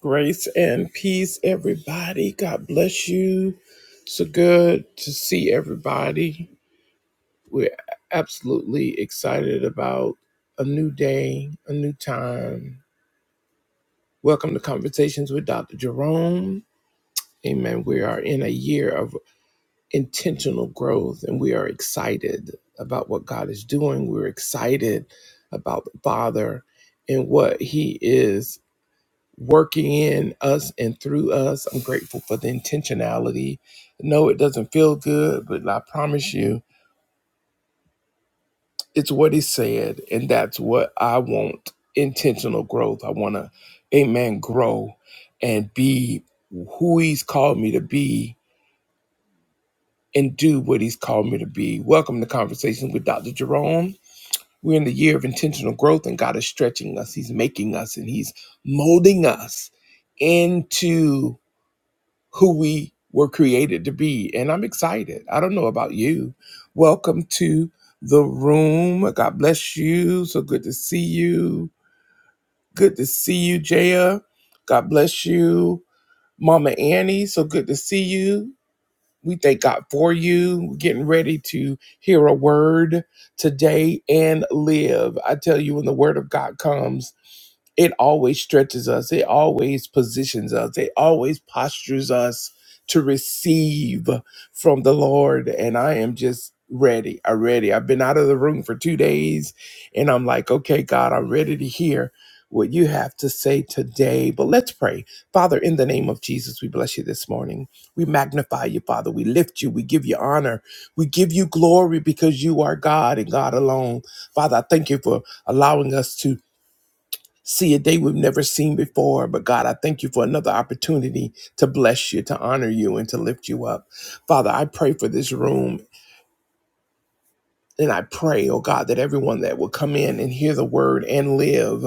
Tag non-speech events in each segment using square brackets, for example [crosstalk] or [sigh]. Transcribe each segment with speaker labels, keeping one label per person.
Speaker 1: Grace and peace, everybody. God bless you. So good to see everybody. We're absolutely excited about a new day, a new time. Welcome to Conversations with Dr. Jerome. Amen. We are in a year of intentional growth and we are excited about what God is doing. We're excited about the Father and what He is working in us and through us. I'm grateful for the intentionality. No, it doesn't feel good, but I promise you, it's what He said, and that's what I want intentional growth. I want to, amen, grow and be who He's called me to be and do what He's called me to be. Welcome to Conversations with Dr. Jerome. We're in the year of intentional growth, and God is stretching us, He's making us, and He's molding us into. who we were created to be. And I'm excited. I don't know about you. Welcome to the room. God bless you. So good to see you. Good to see you, Jaya. God bless you. Mama Annie, so good to see you. We thank God for you. We're getting ready to hear a word today and live. I tell you, when the word of God comes, it always stretches us, it always positions us, it always postures us to receive from the Lord. And I am just ready. I'm ready. I've been out of the room for two days and I'm like, okay, God, I'm ready to hear what you have to say today. But let's pray. Father, in the name of Jesus, we bless you this morning. We magnify you, Father. We lift you. We give you honor. We give you glory because you are God and God alone. Father, I thank you for allowing us to see a day we've never seen before. But God, I thank you for another opportunity to bless you, to honor you, and to lift you up. Father, I pray for this room and I pray, oh God, that everyone that will come in and hear the word and live,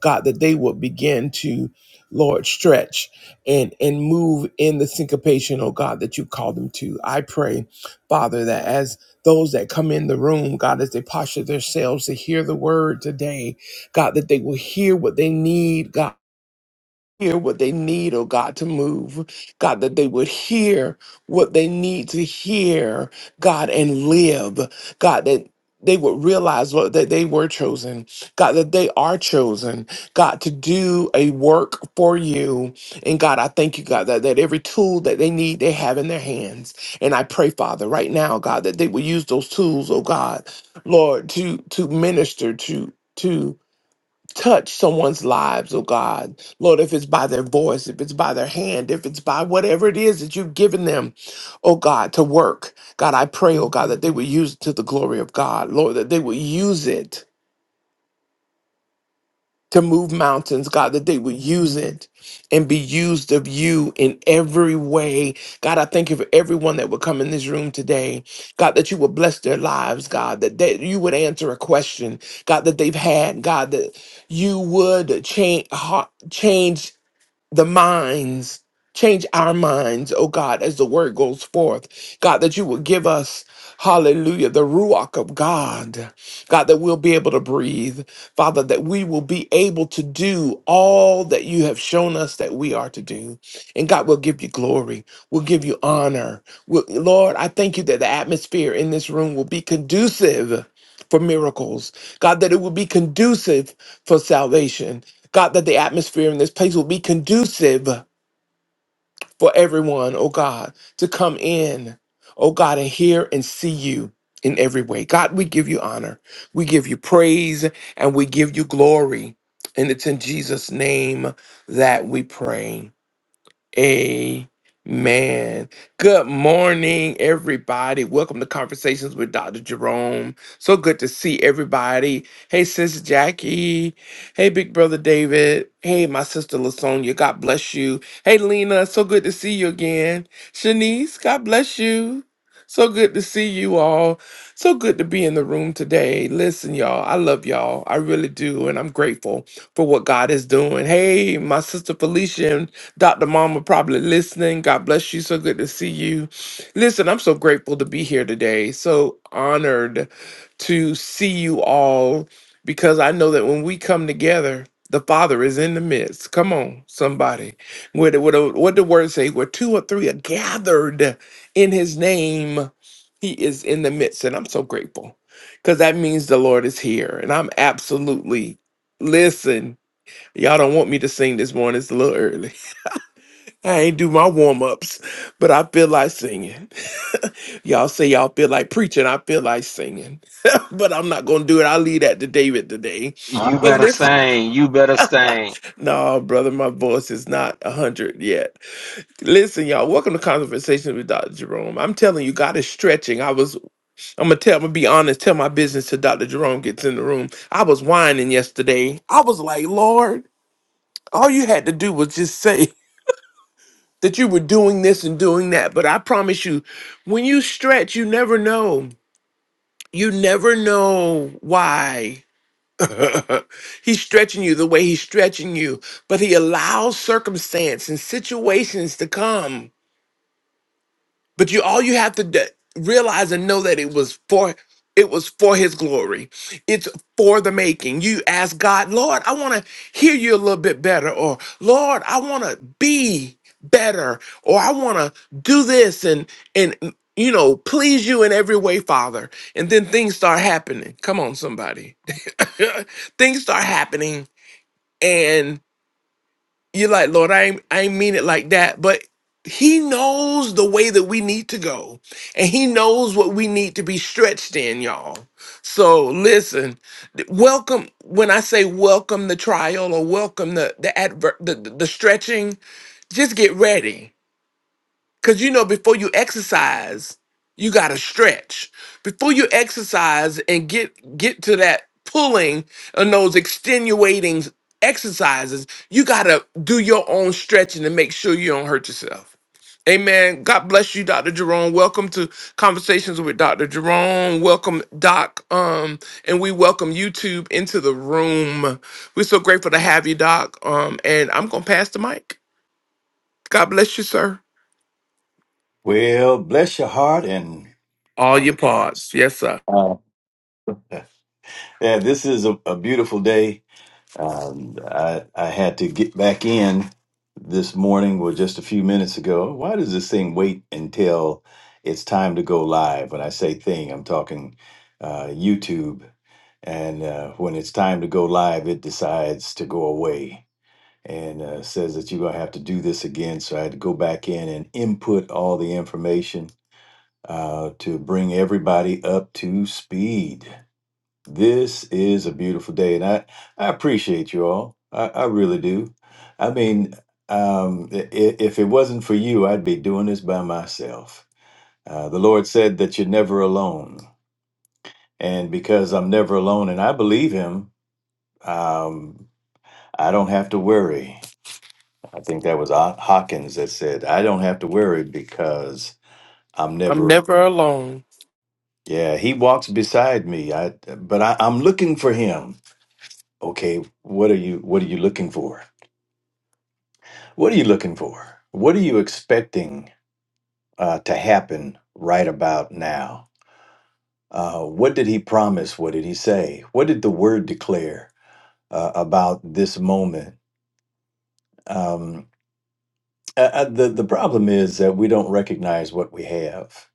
Speaker 1: God, that they will begin to, Lord, stretch and and move in the syncopation, oh God, that you call them to. I pray, Father, that as those that come in the room, God, as they posture themselves to hear the word today, God, that they will hear what they need, God hear what they need, oh God, to move. God, that they would hear what they need to hear, God, and live. God, that they would realize what, that they were chosen. God, that they are chosen. God, to do a work for you. And God, I thank you, God, that, that every tool that they need, they have in their hands. And I pray, Father, right now, God, that they will use those tools, oh God, Lord, to to minister to to touch someone's lives, oh God. Lord, if it's by their voice, if it's by their hand, if it's by whatever it is that you've given them, oh God, to work. God, I pray, oh God, that they would use it to the glory of God. Lord, that they would use it to move mountains, God, that they would use it and be used of you in every way. God, I thank you for everyone that would come in this room today. God, that you would bless their lives, God, that they, you would answer a question, God, that they've had, God, that you would change, change the minds, change our minds, oh God, as the word goes forth. God, that you will give us, hallelujah, the ruach of God. God, that we'll be able to breathe. Father, that we will be able to do all that you have shown us that we are to do. And God, we'll give you glory. We'll give you honor. We'll, Lord, I thank you that the atmosphere in this room will be conducive. For miracles, God, that it will be conducive for salvation, God, that the atmosphere in this place will be conducive for everyone, oh God, to come in, oh God, and hear and see you in every way. God, we give you honor, we give you praise, and we give you glory. And it's in Jesus' name that we pray. Amen. Good morning, everybody. Welcome to Conversations with Dr. Jerome. So good to see everybody. Hey, sis Jackie. Hey, Big Brother David. Hey, my sister Lasonia. God bless you. Hey, Lena. So good to see you again. Shanice, God bless you. So good to see you all. So good to be in the room today. Listen, y'all, I love y'all. I really do. And I'm grateful for what God is doing. Hey, my sister Felicia Dr. Mama probably listening. God bless you. So good to see you. Listen, I'm so grateful to be here today. So honored to see you all because I know that when we come together, the Father is in the midst. Come on, somebody. What, what, what the word say? Where two or three are gathered in his name, he is in the midst. And I'm so grateful because that means the Lord is here. And I'm absolutely, listen, y'all don't want me to sing this morning. It's a little early. I ain't do my warm ups, but I feel like singing. Y'all say y'all feel like preaching. I feel like singing, [laughs] but I'm not gonna do it. I'll leave that to David today.
Speaker 2: You
Speaker 1: But
Speaker 2: better
Speaker 1: listen,
Speaker 2: sing. You better sing.
Speaker 1: no, brother, my voice is not a hundred yet. Listen, y'all, welcome to Conversations with Dr. Jerome. I'm telling you, God is stretching. I was, I'm gonna tell, I'm gonna be honest, tell my business till Dr. Jerome gets in the room. I was whining yesterday. I was like, Lord, all you had to do was just say. that you were doing this and doing that. But I promise you, when you stretch, you never know. You never know why [laughs] he's stretching you the way he's stretching you. But he allows circumstance and situations to come but you all you have to d- realize and know that it was for it was for his glory. It's for the making. You ask God, Lord, I want to hear you a little bit better, or Lord, I want to be better, or I want to do this and and you know please you in every way, Father. And then things start happening. Come on, somebody. [laughs] things start happening, and. You're like, Lord, I ain't, I ain't mean it like that. But He knows the way that we need to go, and He knows what we need to be stretched in, y'all. So listen, th- welcome. When I say welcome the trial or welcome the the adver- the, the the stretching, just get ready Cause you know, before you exercise, you gotta stretch. Before you exercise and get get to that pulling and those extenuating exercises, you gotta do your own stretching to make sure you don't hurt yourself. Amen. God bless you, Dr. Jerome. Welcome to Conversations with Dr. Jerome. Welcome, Doc. Um, and we welcome YouTube into the room. We're so grateful to have you, Doc. Um, and I'm gonna pass the mic. God bless you, sir.
Speaker 3: Well, bless your heart and
Speaker 1: All
Speaker 3: all
Speaker 1: your
Speaker 3: your parts.
Speaker 1: parts. Yes, sir.
Speaker 3: Uh, yeah, this is a, a beautiful day. Um, I, I had to get back in this morning, or just a few minutes ago. Why does this thing wait until it's time to go live? When I say thing, I'm talking uh, YouTube. And uh, when it's time to go live, it decides to go away and uh, says that you're going to have to do this again. So I had to go back in and input all the information uh, to bring everybody up to speed. This is a beautiful day, and I, I appreciate you all. I, I really do. I mean, um, i- i- if it wasn't for you, I'd be doing this by myself. Uh, the Lord said that you're never alone. And because I'm never alone, and I believe Him, um, I don't have to worry. I think that was Ho- Hawkins that said, I don't have to worry because I'm
Speaker 1: I'm
Speaker 3: never
Speaker 1: never alone.
Speaker 3: Yeah, he walks beside me. I but I, I'm looking for him. Okay, what are you what are you looking for? What are you looking for? What are you expecting uh, to happen right about now? Uh, what did he promise? What did he say? What did the word declare uh, about this moment? Um, uh, uh, the the problem is that we don't recognize what we have,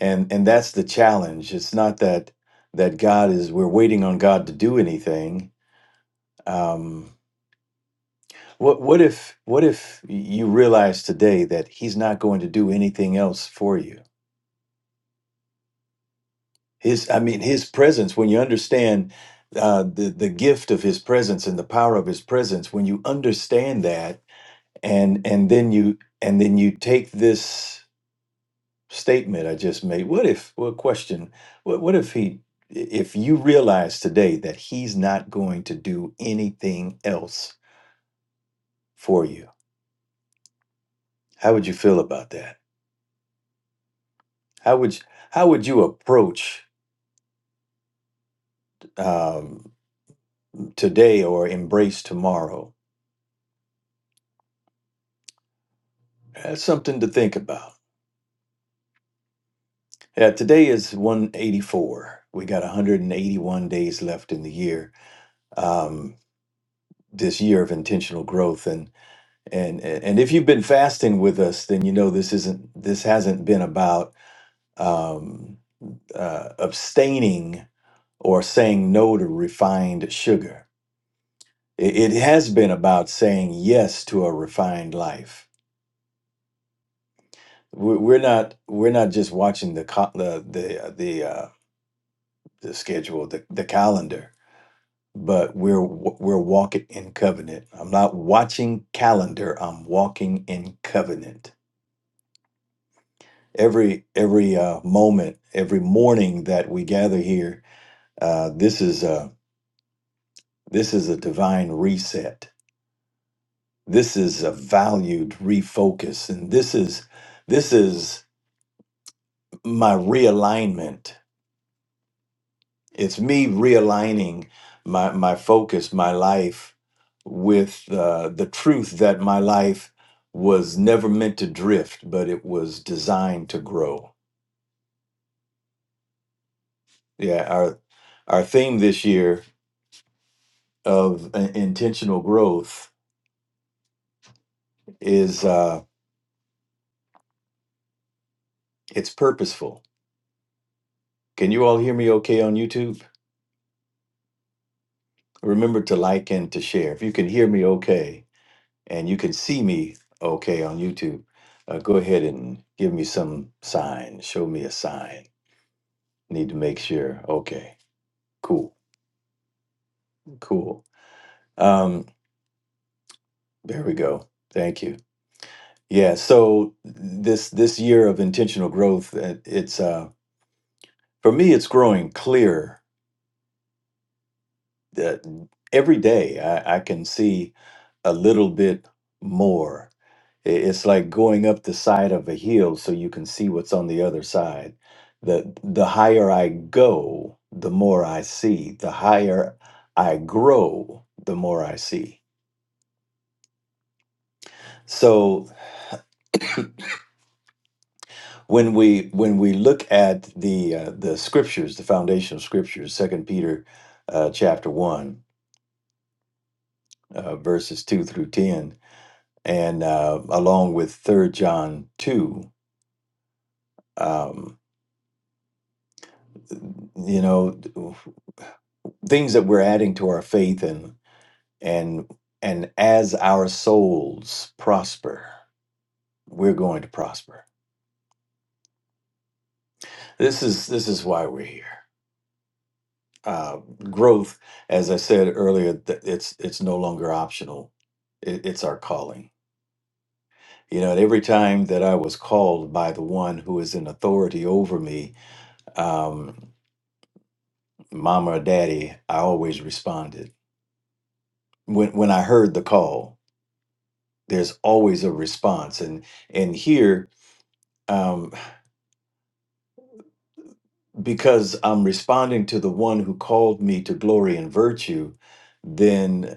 Speaker 3: and and that's the challenge. It's not that that God is we're waiting on God to do anything. Um, What what if what if you realize today that he's not going to do anything else for you? His I mean his presence when you understand uh, the the gift of his presence and the power of his presence when you understand that and and then you and then you take this statement I just made. What if well question what what if he if you realize today that he's not going to do anything else for you? How would you feel about that? How would you, how would you approach? um, today or embrace tomorrow. That's something to think about. Yeah, today is 184. We got 181 days left in the year. Um, this year of intentional growth, and and and if you've been fasting with us, then you know this isn't this hasn't been about um, uh, abstaining or saying no to refined sugar. It, it has been about saying yes to a refined life we're we're not we're not just watching the co- the the uh, the uh, the schedule the the calendar but we're we're walking in covenant i'm not watching calendar i'm walking in covenant every every uh, moment every morning that we gather here uh, this is a this is a divine reset this is a valued refocus and this is this is my realignment It's me realigning my my focus, my life with uh, the truth that my life was never meant to drift, but it was designed to grow. Yeah, our our theme this year of uh, intentional growth is uh, it's purposeful. Can you all hear me okay on YouTube? Remember to like and to share. If you can hear me okay and you can see me okay on YouTube, uh, go ahead and give me some sign. Show me a sign Need to make sure. Okay, cool, cool. Um, there we go. Thank you. Yeah. So this this year of intentional growth, it- it's uh, for me, it's growing clear that every day I, I can see a little bit more. I- It's like going up the side of a hill so you can see what's on the other side. The the higher I go, the more I see. The higher I grow, the more I see. So. when we when we look at the uh, the scriptures, the foundational scriptures, Second Peter uh, chapter one, uh, verses two through ten, and uh, along with Third John two, um, you know, things that we're adding to our faith, and and and as our souls prosper, we're going to prosper. This is this is why we're here. uh, growth, as I said earlier, th- it's it's no longer optional. It, it's our calling. You know, and every time that I was called by the one who is in authority over me, um, mama or daddy, I always responded. When when I heard the call, there's always a response, and and here. Um, because I'm responding to the one who called me to glory and virtue, then.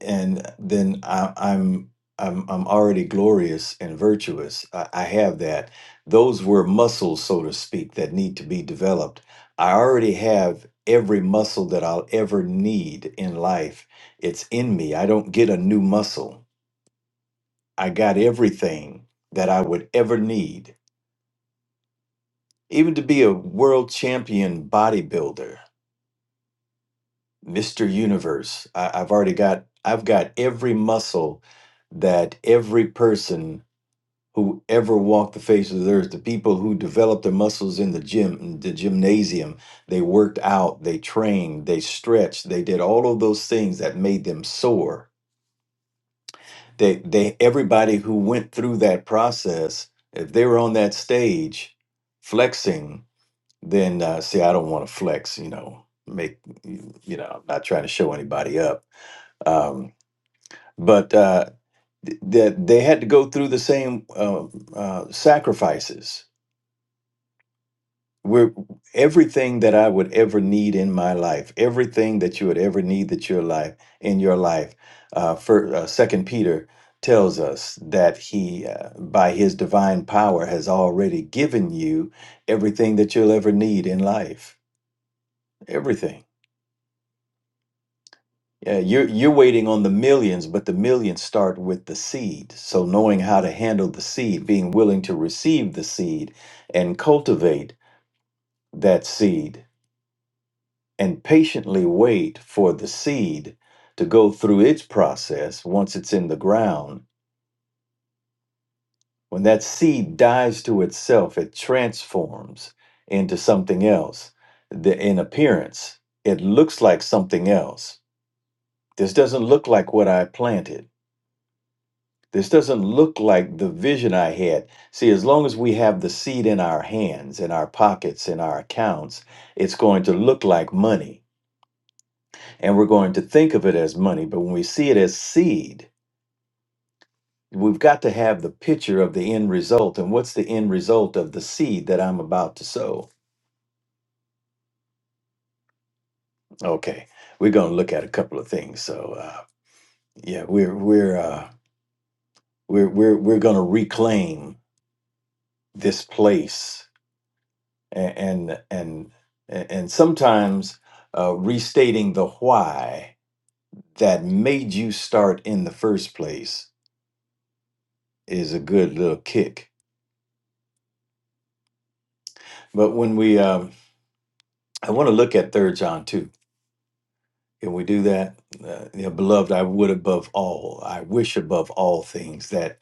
Speaker 3: and then I, I'm I'm I'm already glorious and virtuous. I, I have that. Those were muscles, so to speak, that need to be developed. I already have every muscle that I'll ever need in life. It's in me. I don't get a new muscle. I got everything that I would ever need, even to be a world champion bodybuilder, Mister Universe. I, I've already got. I've got every muscle that every person who ever walked the face of the earth, the people who developed their muscles in the gym, in the gymnasium, they worked out, they trained, they stretched, they did all of those things that made them sore. They, they, everybody who went through that process, if they were on that stage flexing, then uh, see, I don't want to flex, you know, make, you know, I'm not trying to show anybody up. Um, but uh, th- that they had to go through the same uh, uh, sacrifices we're everything that I would ever need in my life, everything that you would ever need that your life in your life. Uh, for uh, Second Peter tells us that he, uh, by his divine power, has already given you everything that you'll ever need in life. Everything. Yeah, you're you're waiting on the millions, but the millions start with the seed. So knowing how to handle the seed, being willing to receive the seed, and cultivate that seed and patiently wait for the seed to go through its process once it's in the ground. When that seed dies to itself, it transforms into something else. The, in appearance, it looks like something else. This doesn't look like what I planted. This doesn't look like the vision I had. See, as long as we have the seed in our hands, in our pockets, in our accounts, it's going to look like money and we're going to think of it as money. But when we see it as seed, we've got to have the picture of the end result. And what's the end result of the seed that I'm about to sow? Okay, we're going to look at a couple of things. So uh, yeah, we're we're uh, we're we're we're going to reclaim this place, and and and, and sometimes uh, restating the why that made you start in the first place is a good little kick. But when we um, I want to look at Third John too. Can we do that? Uh, you know, beloved, I would above all, I wish above all things that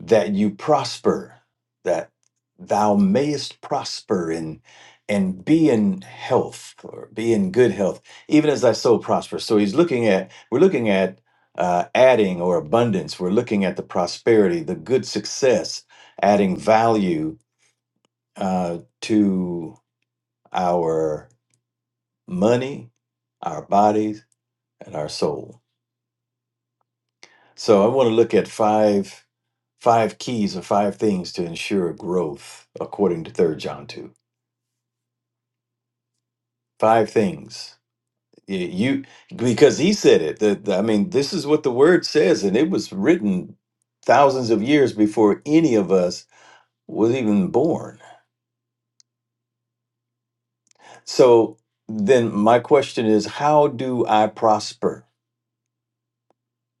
Speaker 3: that you prosper, that thou mayest prosper in and be in health or be in good health, even as thy soul prospers. So he's looking at we're looking at uh, adding or abundance. We're looking at the prosperity, the good success, adding value uh, to our money, our bodies and our soul. So I want to look at five five keys or five things to ensure growth according to Third John 2. Five things. Y- You because he said it. The, the- I mean, this is what the word says and it was written thousands of years before any of us was even born. So then my question is how do I prosper?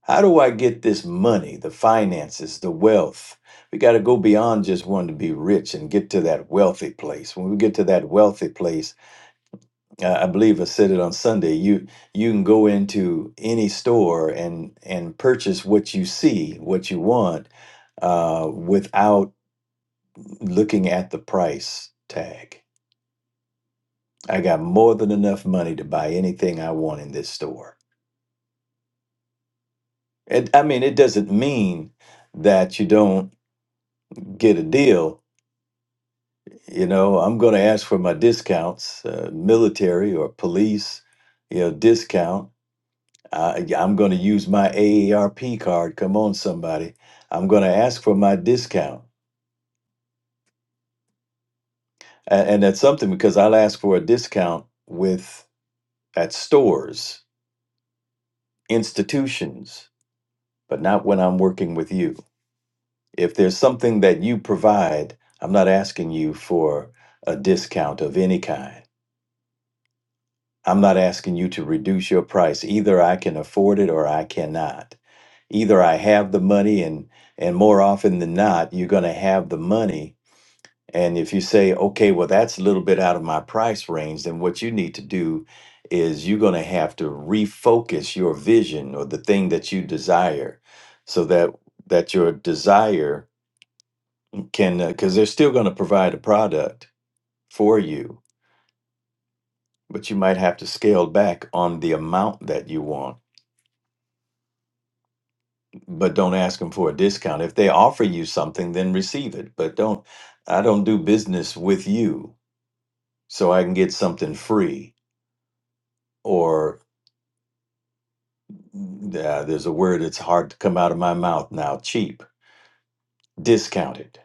Speaker 3: How do I get this money, the finances, the wealth? We got to go beyond just wanting to be rich and get to that wealthy place. When we get to that wealthy place, uh, I believe I said it on Sunday. You you can go into any store and and purchase what you see, what you want, uh, without looking at the price tag. I got more than enough money to buy anything I want in this store. And I mean, it doesn't mean that you don't get a deal you know i'm going to ask for my discounts uh, military or police you know discount I, yeah, i'm going to use my aarp card come on somebody i'm going to ask for my discount and, and that's something because i'll ask for a discount with at stores institutions but not when i'm working with you if there's something that you provide i'm not asking you for a discount of any kind I'm not asking you to reduce your price. Either I can afford it or I cannot. Either I have the money and and more often than not, you're going to have the money. And if you say, "Okay, well that's a little bit out of my price range," then what you need to do is you're going to have to refocus your vision or the thing that you desire so that that your desire can because they're still going to provide a product for you, but you might have to scale back on the amount that you want but don't ask them for a discount. If they offer you something, then receive it. But don't, I don't do business with you so I can get something free. Or uh, there's a word that's hard to come out of my mouth now cheap, discounted.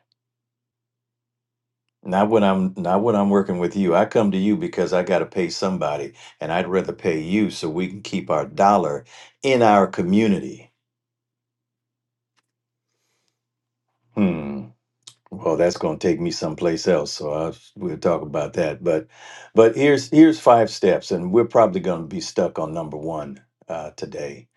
Speaker 3: Not when I'm not when I'm working with you. I come to you because I got to pay somebody, and I'd rather pay you so we can keep our dollar in our community. Hmm. Well, that's going to take me someplace else, so i we'll talk about that. But, but here's here's five steps, and we're probably going to be stuck on number one uh, today.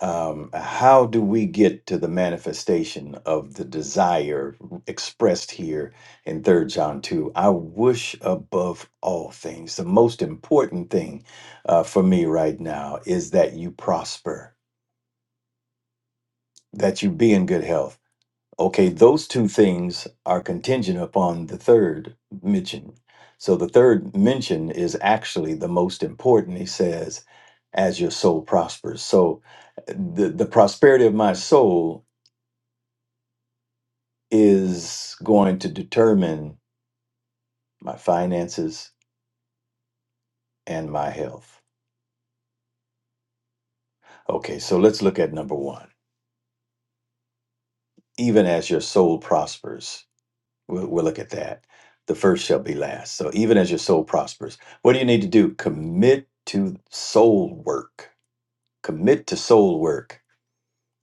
Speaker 3: Um, how do we get to the manifestation of the desire expressed here in Third John two? I wish above all things, the most important thing uh, for me right now is that you prosper, that you be in good health Okay, those two things are contingent upon the third mention. So the third mention is actually the most important. He says, as your soul prospers. So uh, the, the prosperity of my soul is going to determine my finances and my health. Okay, so let's look at number one. Even as your soul prospers. We'll, we'll look at that. The first shall be last. So even as your soul prospers, what do you need to do? Commit to soul work. Commit to soul work.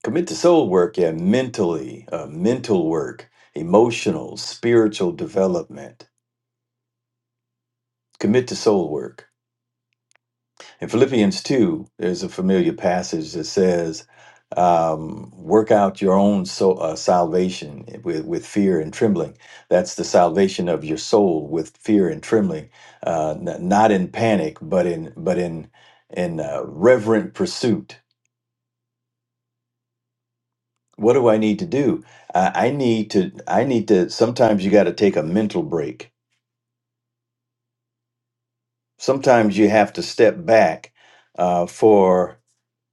Speaker 3: Commit to soul work, yeah, mentally, uh, mental work, emotional, spiritual development. Commit to soul work. In Philippians 2, there's a familiar passage that says, um, work out your own so, uh, salvation with, with fear and trembling. That's the salvation of your soul with fear and trembling, uh, n- not in panic, but in but in in uh, reverent pursuit. What do I need to do? I, I need to. I need to. Sometimes you got to take a mental break. Sometimes you have to step back uh, for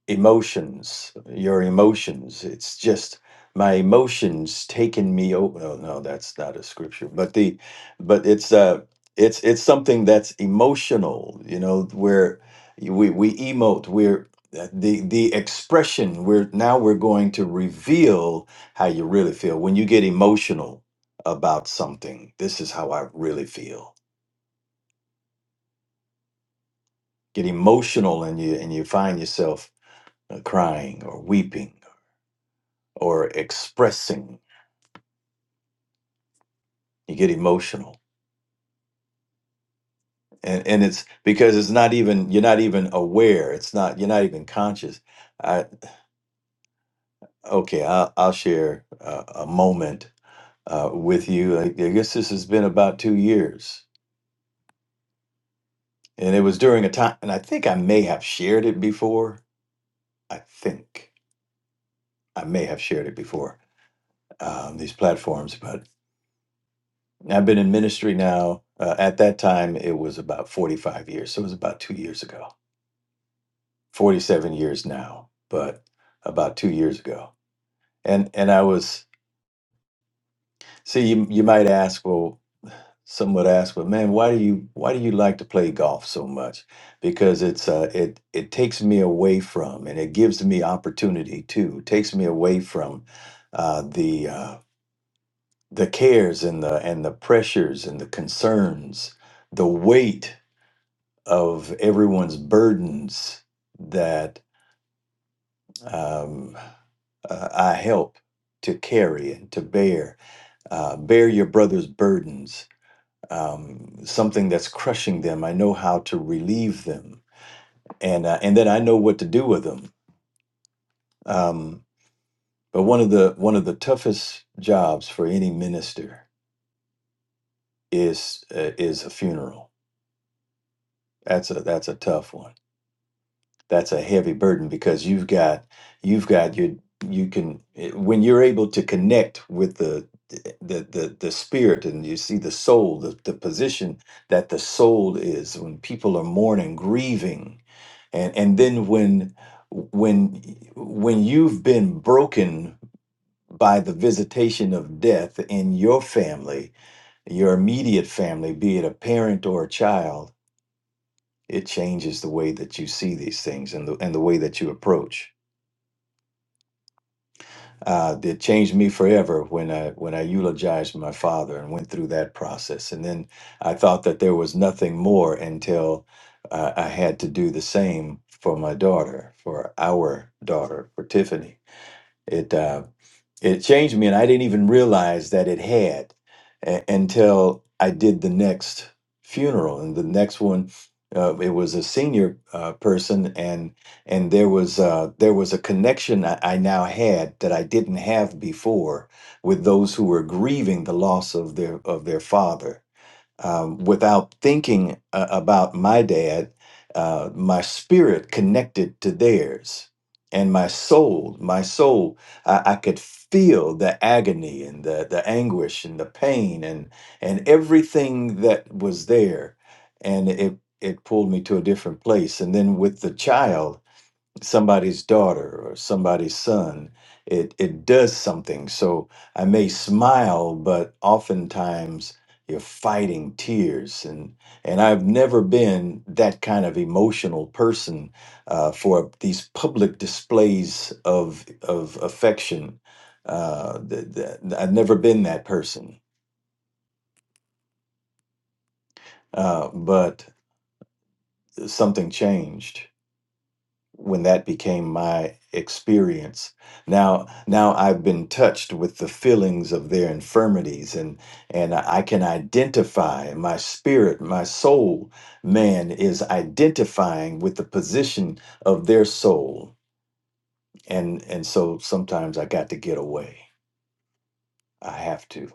Speaker 3: emotions, your emotions. It's just my emotions taking me over. Oh, no, that's not a scripture, but the, but it's uh, it's it's something that's emotional. You know, where we we emote. We're uh, the the expression. We're now we're going to reveal how you really feel when you get emotional about something. This is how I really feel. Get emotional, and you and you find yourself uh, crying or weeping or expressing you get emotional and and it's because it's not even you're not even aware it's not you're not even conscious i okay i'll, I'll share a, a moment uh, with you I, I guess this has been about two years and it was during a time and i think i may have shared it before i think i may have shared it before um, these platforms but i've been in ministry now uh, at that time it was about 45 years so it was about two years ago 47 years now, but about two years ago. And and I was see you, you might ask, well, some would ask, well, man, why do you why do you like to play golf so much? Because it's uh, it it takes me away from and it gives me opportunity too. It takes me away from uh, the uh, the cares and the and the pressures and the concerns, the weight of everyone's burdens that. um, uh, I help to carry and to bear, uh, bear your brother's burdens, um, something that's crushing them. I know how to relieve them, and uh, and then I know what to do with them. Um, but one of the one of the toughest jobs for any minister is uh, is a funeral. That's a that's a tough one that's a heavy burden because you've got you've got your you can eh, when you're able to connect with the the the, the spirit and you see the soul the, the position that the soul is when people are mourning grieving and and then when when when you've been broken by the visitation of death in your family your immediate family be it a parent or a child it changes the way that you see these things and the and the way that you approach uh, that changed me forever when I when I eulogized my father and went through that process. And then I thought that there was nothing more until uh, I had to do the same for my daughter, for our daughter, for Tiffany. It. uh, it changed me, and I didn't even realize that it had a- until I did the next funeral. And the next one, uh, it was a senior uh, person, and and there was uh, there was a connection I, I now had that I didn't have before with those who were grieving the loss of their of their father um, without thinking uh, about my dad, uh, my spirit connected to theirs, and my soul, my soul, I, I could feel the agony and the the anguish and the pain and and everything that was there, and it it pulled me to a different place. And then with the child somebody's daughter or somebody's son it it does something so i may smile but oftentimes you're fighting tears and and i've never been that kind of emotional person uh, for these public displays of of affection uh, th- th- i've never been that person uh, but something changed when that became my experience now now i've been touched with the feelings of their infirmities and and i can identify my spirit my soul man is identifying with the position of their soul and and so sometimes i got to get away i have to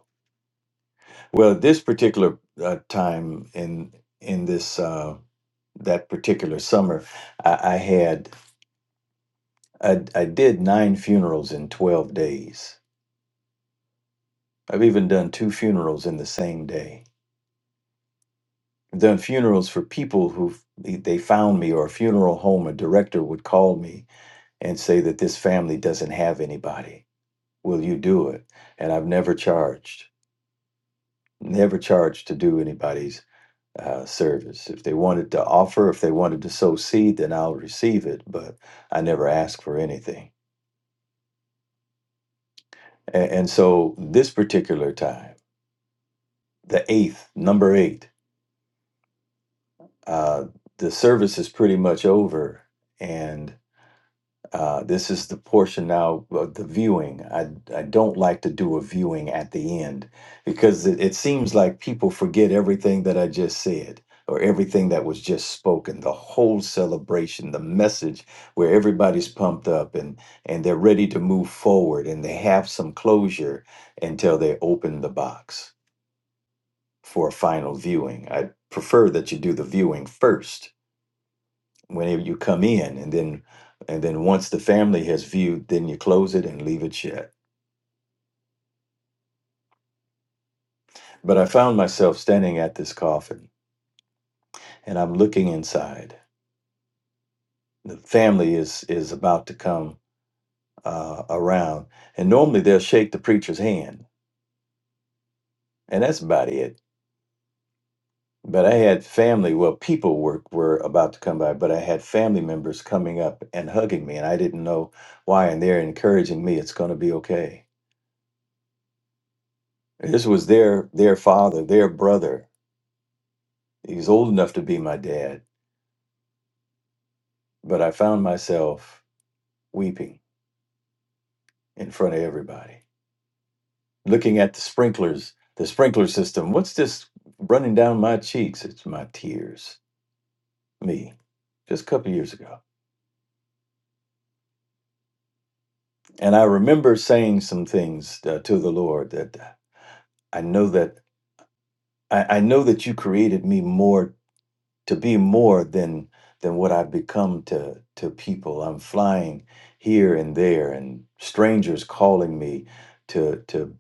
Speaker 3: well this particular uh, time in in this uh that particular summer i, I had I, I did nine funerals in 12 days I've even done two funerals in the same day. I've done funerals for people who they found me, or a funeral home, a director would call me and say that this family doesn't have anybody. Will you do it? And I've never charged, never charged to do anybody's uh, service. If they wanted to offer, if they wanted to sow seed, then I'll receive it, but I never ask for anything. And, and so this particular time, the eighth, number eight, uh, the service is pretty much over, and uh, this is the portion now of the viewing. I I don't like to do a viewing at the end because it, it seems like people forget everything that I just said or everything that was just spoken. The whole celebration, the message, where everybody's pumped up and and they're ready to move forward and they have some closure until they open the box for a final viewing. I prefer that you do the viewing first whenever you come in and then and then once the family has viewed then you close it and leave it shut but i found myself standing at this coffin and i'm looking inside the family is is about to come uh, around and normally they'll shake the preacher's hand and that's about it but i had family well people were were about to come by but i had family members coming up and hugging me and i didn't know why and they're encouraging me it's going to be okay this was their their father their brother He was old enough to be my dad, but I found myself weeping in front of everybody, looking at the sprinklers, the sprinkler system. What's this running down my cheeks? It's my tears. Me, just a couple years ago. And I remember saying some things uh, to the Lord that I know that I, I know that you created me more to be more than than what I've become to to people. I'm flying here and there, and strangers calling me to to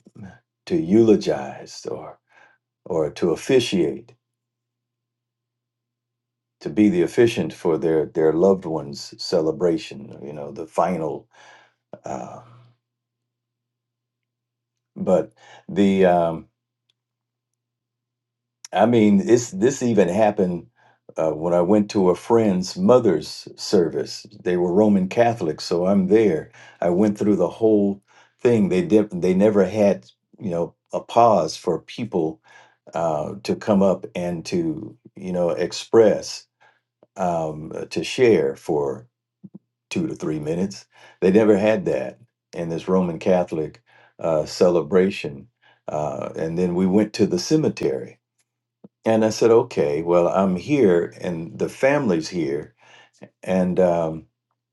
Speaker 3: to eulogize or or to officiate, to be the officiant for their their loved ones' celebration. You know, the final. Uh, but the um, I mean, it's this even happened uh, when I went to a friend's mother's service. They were Roman Catholics, so I'm there. I went through the whole thing. They did. They never had, you know, a pause for people uh, to come up and to, you know, express, um, uh, to share for two to three minutes. They never had that in this Roman Catholic uh, celebration. Uh, and then we went to the cemetery and I said, okay, well, I'm here and the family's here. And um,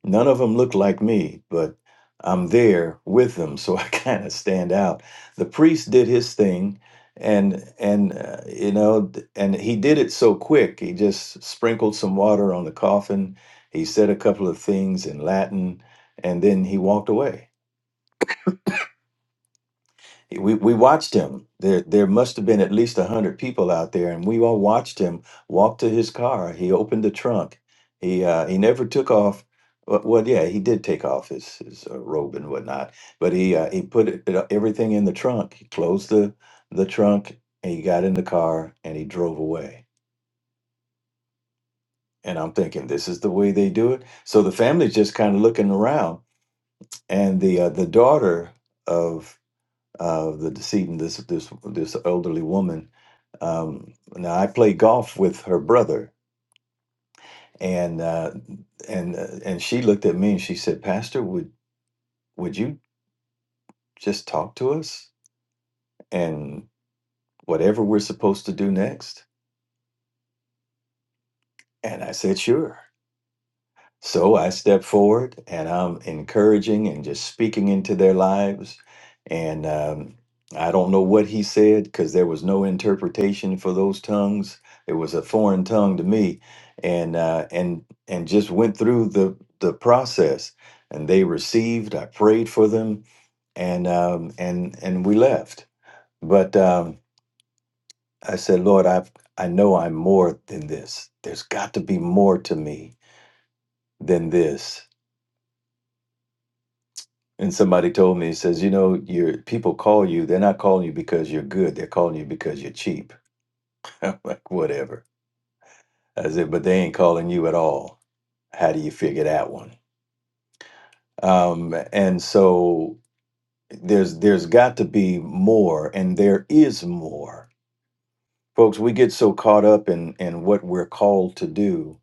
Speaker 3: none of them look like me, but I'm there with them. So I [laughs] kind of stand out. The priest did his thing. And, and uh, you know, d- and he did it so quick. He just sprinkled some water on the coffin. He said a couple of things in Latin and then he walked away we, we watched him. There there must have been at least a hundred people out there, and we all watched him walk to his car. He opened the trunk. He uh, he never took off. Well, well, yeah, he did take off his his uh, robe and whatnot, but he uh, he put it, it- everything in the trunk. He closed the the trunk, and he got in the car and he drove away. And I'm thinking this is the way they do it. So the family's just kind of looking around, and the uh, the daughter uh, the decedent, this this this elderly woman. Um, now I played golf with her brother, and uh, and uh, and she looked at me and she said, "Pastor, would would you just talk to us and whatever we're supposed to do next?" And I said, "Sure." So I step forward and I'm encouraging and just speaking into their lives. And um, I don't know what he said because there was no interpretation for those tongues. It was a foreign tongue to me, and uh, and and just went through the the process. And they received. I prayed for them, and um, and and we left. But um, I said, Lord, I I know I'm more than this. There's got to be more to me than this And somebody told me, he says, you know, your people call you, they're not calling you because you're good, they're calling you because you're cheap. [laughs] I'm like, whatever. I said, but they ain't calling you at all. How do you figure that one? Um, and so there's there's got to be more, and there is more. Folks, we get so caught up in in what we're called to do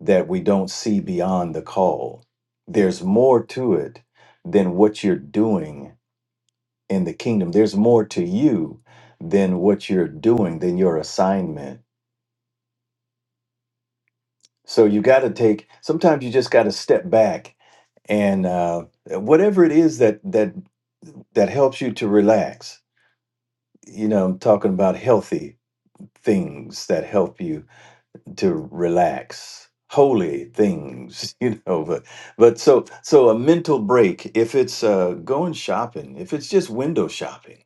Speaker 3: that we don't see beyond the call. There's more to it than what you're doing in the kingdom. There's more to you than what you're doing, than your assignment. So you got to take. Sometimes you just got to step back and uh, whatever it is that that that helps you to relax. You know, I'm talking about healthy things that help you to relax, holy things. [laughs] You know, but but so so a mental break. If it's uh, going shopping, if it's just window shopping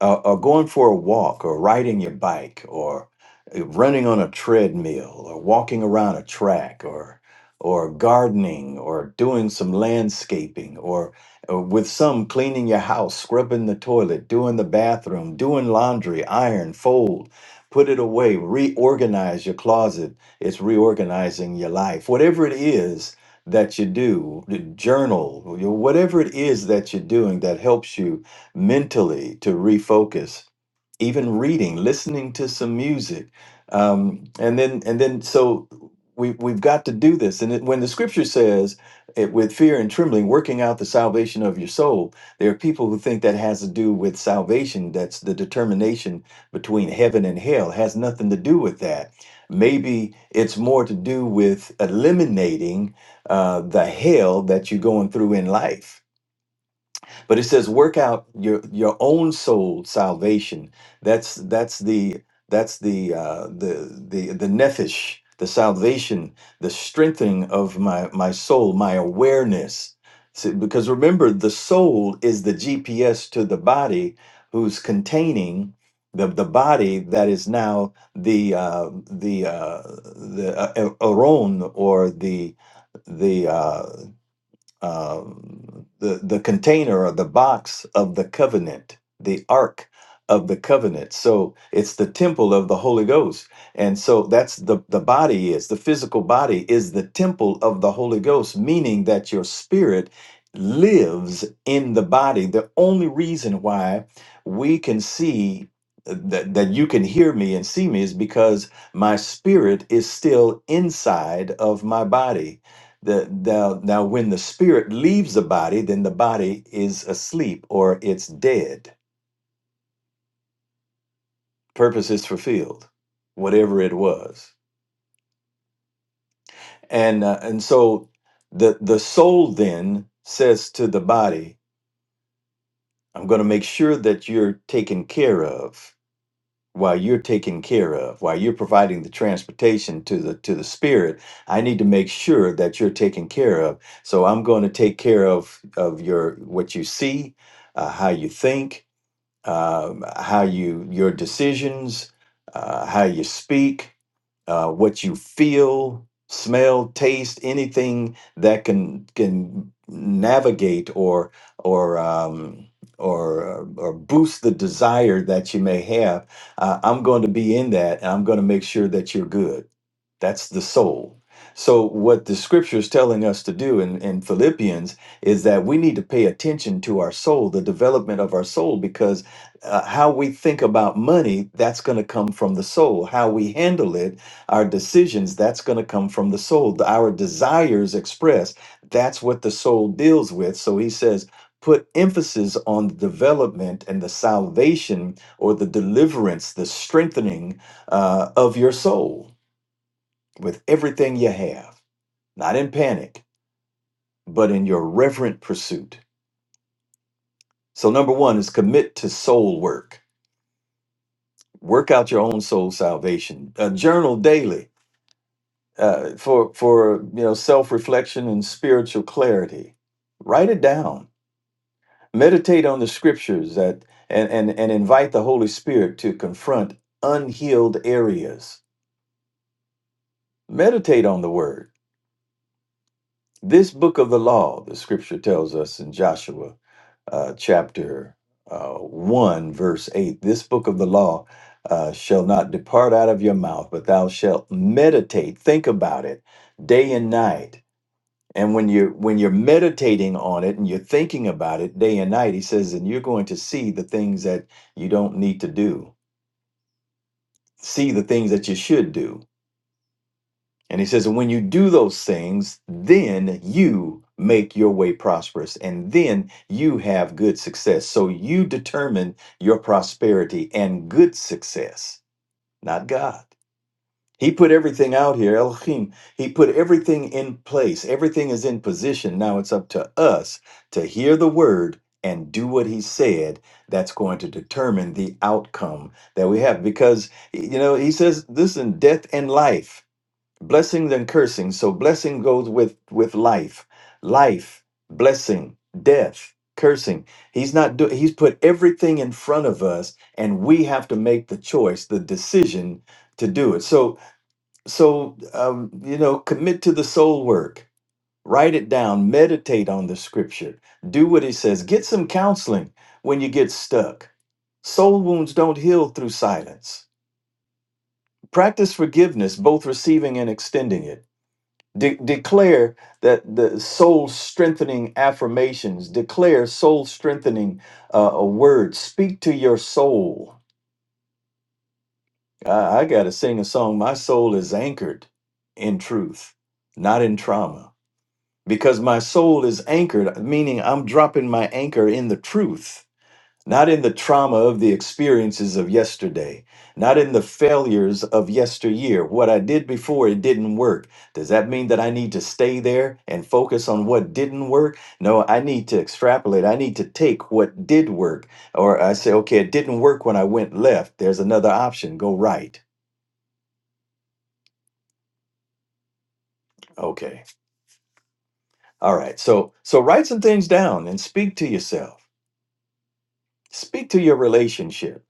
Speaker 3: uh, or going for a walk or riding your bike or uh, running on a treadmill or walking around a track or or gardening or doing some landscaping or uh, with some cleaning your house scrubbing the toilet doing the bathroom doing laundry iron fold put it away reorganize your closet it's reorganizing your life whatever it is that you do journal whatever it is that you're doing that helps you mentally to refocus even reading listening to some music um, and then and then so we, we've got to do this and it, when the scripture says it with fear and trembling working out the salvation of your soul there are people who think that has to do with salvation that's the determination between heaven and hell It has nothing to do with that maybe it's more to do with eliminating uh, the hell that you're going through in life but it says, work out your your own soul salvation. That's that's the that's the uh, the the the nephesh, the salvation, the strengthening of my my soul, my awareness. See, because remember, the soul is the GPS to the body, who's containing the the body that is now the uh, the uh, the uh, aron or the the uh, uh, the the container or the box of the covenant, the ark of the covenant. So it's the temple of the Holy Ghost, and so that's the the body is the physical body is the temple of the Holy Ghost, meaning that your spirit lives in the body. The only reason why we can see. uh, That, that you can hear me and see me is because my spirit is still inside of my body the, now, now, when the spirit leaves the body, then the body is asleep or it's dead. Purpose is fulfilled, whatever it was. And uh, and so the the soul then says to the body, "I'm going to make sure that you're taken care of while you're taken care of, while you're providing the transportation to the to the spirit. I need to make sure that you're taken care of. So I'm going to take care of of your what you see, uh, how you think." um, how you your decisions, uh, how you speak, uh, what you feel, smell, taste, anything that can can navigate or or um, or or boost the desire that you may have. Uh, I'm going to be in that, and I'm going to make sure that you're good. That's the soul. So what the scripture is telling us to do in, in Philippians is that we need to pay attention to our soul, the development of our soul, because uh, how we think about money, that's going to come from the soul. How we handle it our decisions, that's going to come from the soul. Our desires expressed, that's what the soul deals with. So he says, put emphasis on the development and the salvation or the deliverance, the strengthening uh, of your soul with everything you have, not in panic, but in your reverent pursuit. So, number one is commit to soul work. Work out your own soul salvation. Uh, journal daily uh, for for you know self reflection and spiritual clarity. Write it down. Meditate on the scriptures that and, and and invite the Holy Spirit to confront unhealed areas. Meditate on the Word. This book of the law, the Scripture tells us in Joshua uh, chapter uh, one, verse eight. This book of the law uh, shall not depart out of your mouth, but thou shalt meditate, think about it, day and night And when you're when you're meditating on it and you're thinking about it day and night, he says, and you're going to see the things that you don't need to do, see the things that you should do. And he says, and when you do those things, then you make your way prosperous, and then you have good success. So you determine your prosperity and good success, not God. He put everything out here, Elohim. He put everything in place. Everything is in position. Now it's up to us to hear the word and do what he said. That's going to determine the outcome that we have. Because, you know, he says, listen, death and life, blessings and cursing. So blessing goes with, with life, life, blessing, death, cursing. He's not doing, he's put everything in front of us, and we have to make the choice, the decision to do it. So, so um, you know commit to the soul work write it down meditate on the scripture do what he says get some counseling when you get stuck soul wounds don't heal through silence practice forgiveness both receiving and extending it De- declare that the soul strengthening affirmations declare soul strengthening uh, a word speak to your soul i, I got to sing a song my soul is anchored in truth not in trauma because my soul is anchored, meaning I'm dropping my anchor in the truth, not in the trauma of the experiences of yesterday, not in the failures of yesteryear. What I did before, it didn't work. Does that mean that I need to stay there and focus on what didn't work? No, I need to extrapolate. I need to take what did work. Or I say, okay, it didn't work when I went left. There's another option go right. Okay. All right. So so write some things down and speak to yourself. Speak to your relationship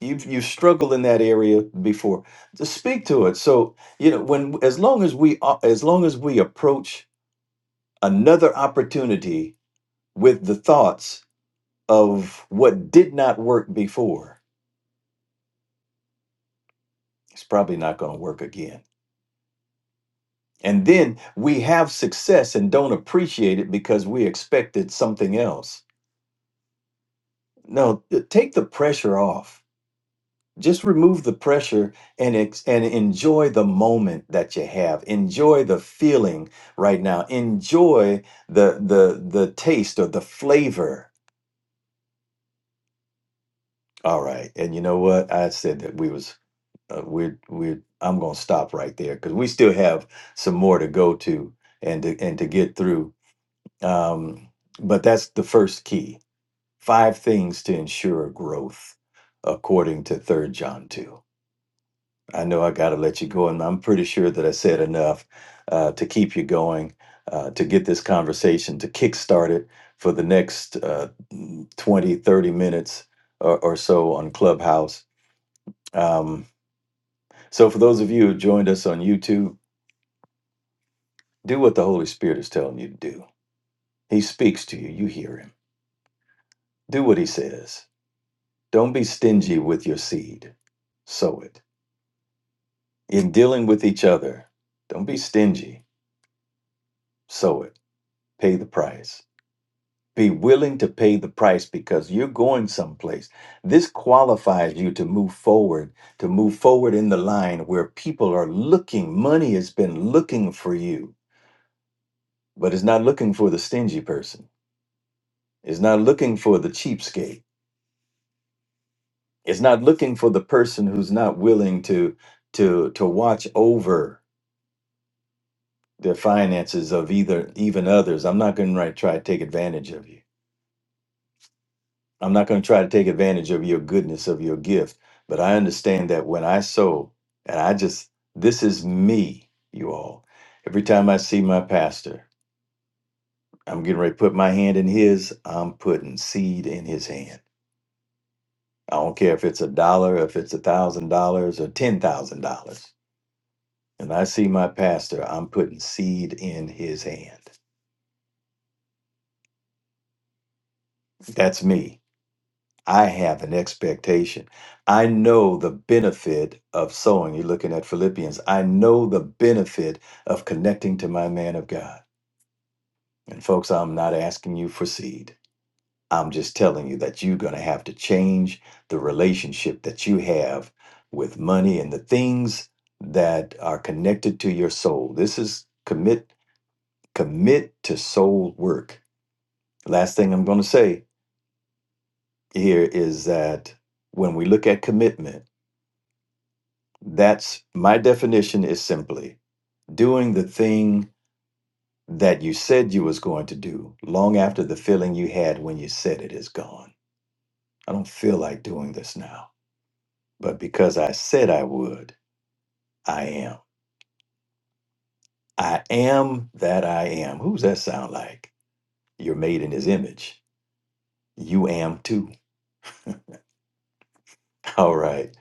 Speaker 3: you've you struggled in that area before to speak to it so you know when as long as we a- as long as we approach another opportunity with the thoughts of what did not work before it's probably not going to work again and then we have success and don't appreciate it because we expected something else no t- take the pressure off just remove the pressure and ex- and enjoy the moment that you have enjoy the feeling right now enjoy the the the taste or the flavor all right and you know what i said that we was uh, we're we're i'm gonna stop right there because we still have some more to go to and to and to get through um but that's the first key five things to ensure growth according to third john 2 I know I got to let you go, and I'm pretty sure that I said enough uh, to keep you going, uh, to get this conversation to kickstart it for the next uh, 20, 30 minutes or, or so on Clubhouse. Um, so, for those of you who joined us on YouTube, do what the Holy Spirit is telling you to do. He speaks to you, you hear him. Do what he says. Don't be stingy with your seed, sow it. In dealing with each other, don't be stingy, sow it, pay the price Be willing to pay the price because you're going someplace. This qualifies you to move forward, to move forward in the line where people are looking. Money has been looking for you, but it's not looking for the stingy person. It's not looking for the cheapskate. It's not looking for the person who's not willing to to to watch over the finances of either even others. I'm not going to try to take advantage of you. I'm not going to try to take advantage of your goodness, of your gift, but I understand that when I sow, and I just, this is me, you all. Every time I see my pastor, I'm getting ready to put my hand in his, I'm putting seed in his hand. I don't care if it's a dollar, if it's a thousand dollars, or ten thousand dollars. And I see my pastor, I'm putting seed in his hand. That's me. I have an expectation. I know the benefit of sowing. You're looking at Philippians. I know the benefit of connecting to my man of God. And folks, I'm not asking you for seed. I'm just telling you that you're going to have to change the relationship that you have with money and the things that are connected to your soul. This is commit commit to soul work. Last thing I'm going to say here is that when we look at commitment, That's my definition is simply doing the thing that you said you was going to do long after the feeling you had when you said it is gone. I don't feel like doing this now, but because I said I would, I am. I am that I am. Who's that sound like? You're made in his image. You am too. [laughs] All right.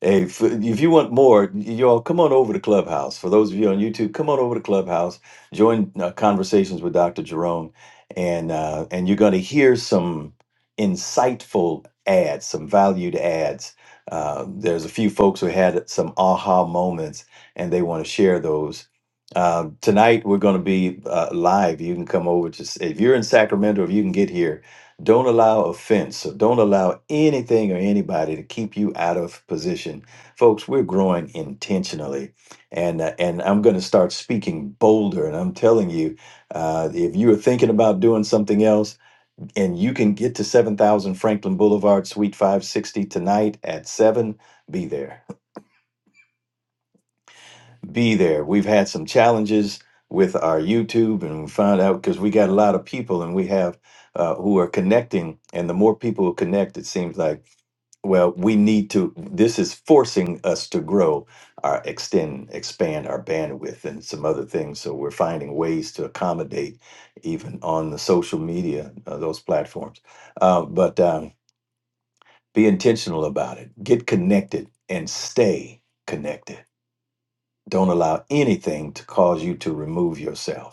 Speaker 3: Hey, if, if you want more, y'all come on over to Clubhouse. For those of you on YouTube, come on over to Clubhouse. Join uh, conversations with Dr. Jerome, and uh, and you're going to hear some insightful ads, some valued ads. Uh, there's a few folks who had some aha moments, and they want to share those. Uh, tonight we're going to be uh, live. You can come over to s- if you're in Sacramento, if you can get here don't allow offense. So don't allow anything or anybody to keep you out of position. Folks, we're growing intentionally. And, uh, and I'm going to start speaking bolder. And I'm telling you, uh, if you are thinking about doing something else and you can get to 7000 Franklin Boulevard, Suite 560 tonight at 7, be there. [laughs] Be there. We've had some challenges with our YouTube and we found out because we got a lot of people and we have uh, who are connecting. And the more people who connect, it seems like Well, we need to, this is forcing us to grow our extend, expand our bandwidth and some other things. So we're finding ways to accommodate even on the social media, uh, those platforms. Uh, but um, be intentional about it. Get connected and stay connected. Don't allow anything to cause you to remove yourself.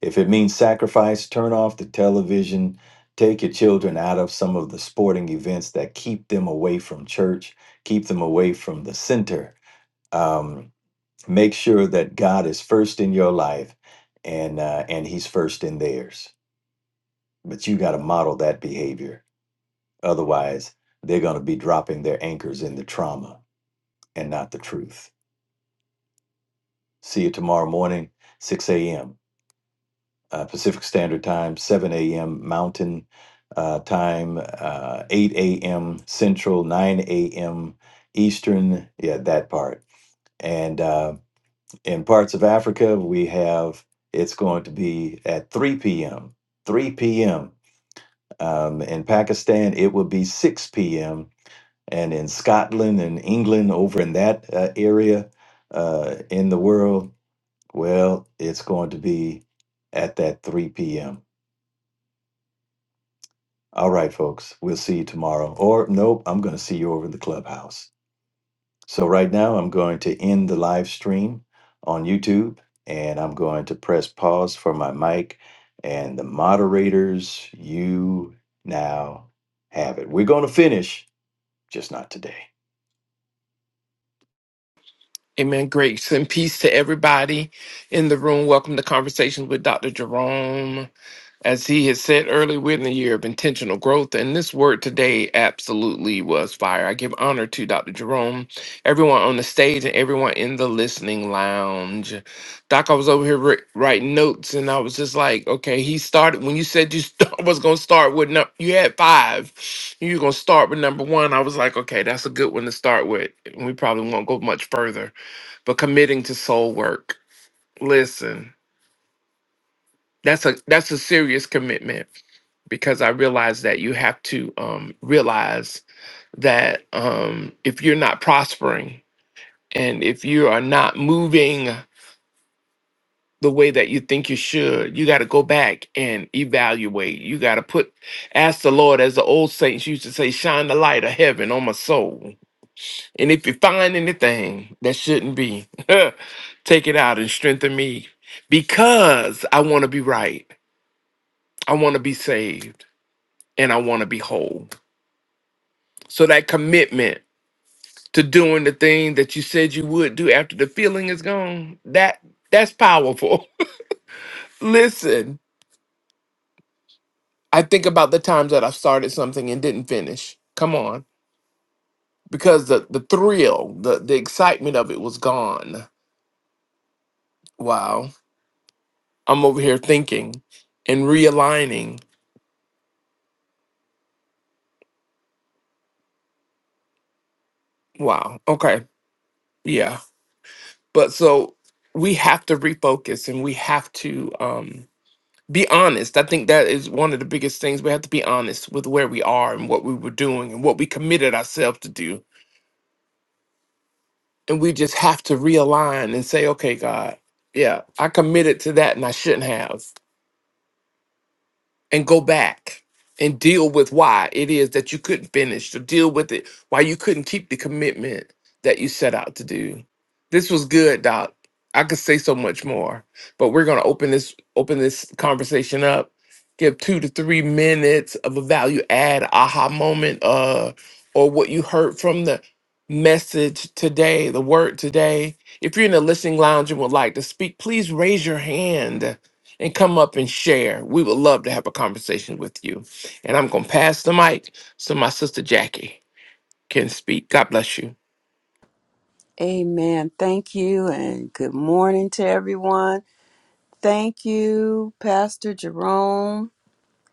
Speaker 3: If it means sacrifice, turn off the television. Take your children out of some of the sporting events that keep them away from church, keep them away from the center. Um, make sure that God is first in your life, and uh, and He's first in theirs. But you got to model that behavior. Otherwise, they're going to be dropping their anchors in the trauma and not the truth. See you tomorrow morning, 6 a.m. uh, Pacific Standard Time, 7 a.m. Mountain uh, Time, uh, 8 a.m. Central, 9 a.m. Eastern. Yeah, that part. And uh, in parts of Africa, we have it's going to be at 3 p.m. 3 p.m. Um, in Pakistan, it will be 6 p.m. And in Scotland and England, over in that uh, area uh, in the world, well, it's going to be at that 3 p.m. All right, folks, we'll see you tomorrow. Or, nope, I'm going to see you over in the clubhouse. So, right now, I'm going to end the live stream on YouTube and I'm going to press pause for my mic. And the moderators, you now have it. We're going to finish, just not today.
Speaker 1: Amen. Grace and peace to everybody in the room. Welcome to Conversations with Dr. Jerome. As he had said earlier, we're in the year of intentional growth, and this word today absolutely was fire. I give honor to Dr. Jerome, everyone on the stage, and everyone in the listening lounge. Doc, I was over here wri- writing notes, and I was just like, okay, he started when you said you start, [laughs] was going to start with, num- you had five, and you're going to start with number one. I was like, okay, that's a good one to start with. We probably won't go much further, but committing to soul work. Listen. That's a that's a serious commitment because I realize that you have to um, realize that um, if you're not prospering and if you are not moving the way that you think you should, you got to go back and evaluate. You got to put, ask the Lord, as the old saints used to say, shine the light of heaven on my soul. And if you find anything that shouldn't be, [laughs] take it out and strengthen me because I want to be right. I want to be saved. and I want to be whole. So that commitment to doing the thing that you said you would do after the feeling is gone, that that's powerful. [laughs] Listen, I think about the times that I've started something and didn't finish. Come on. Because the, the thrill, the, the excitement of it was gone. Wow. I'm over here thinking and realigning. Wow. Okay. Yeah. But so we have to refocus and we have to um be honest. I think that is one of the biggest things. We have to be honest with where we are and what we were doing and what we committed ourselves to do. And we just have to realign and say, okay, God, yeah, I committed to that and I shouldn't have. and go back and deal with why it is that you couldn't finish, to deal with it, why you couldn't keep the commitment that you set out to do. This was good, Doc. I could say so much more, but we're gonna open this open this conversation up. Give two to three minutes of a value add aha moment, uh, or what you heard from the message today, the word today. If you're in the listening lounge and would like to speak, please raise your hand and come up and share. We would love to have a conversation with you. And I'm going to pass the mic so my sister Jackie can speak. God bless you.
Speaker 4: Amen. Thank you and good morning to everyone. Thank you, Pastor Jerome.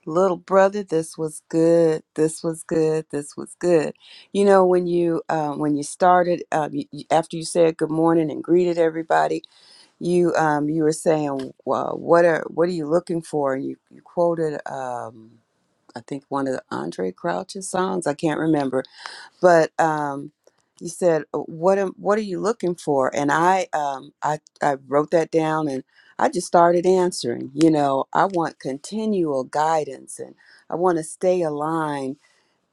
Speaker 4: Little brother, this was good. This was good. This was good. You know, when you um, when you started um, you, you- after you said good morning and greeted everybody, you um, you were saying, well, "What are what are you looking for?" And you you quoted um, I think one of the Andre Crouch's songs. I can't remember but um, he said, "Uh, "What am What are you looking for?" And I, um, I, I wrote that down, and I just started answering. You know, I want continual guidance, and I want to stay aligned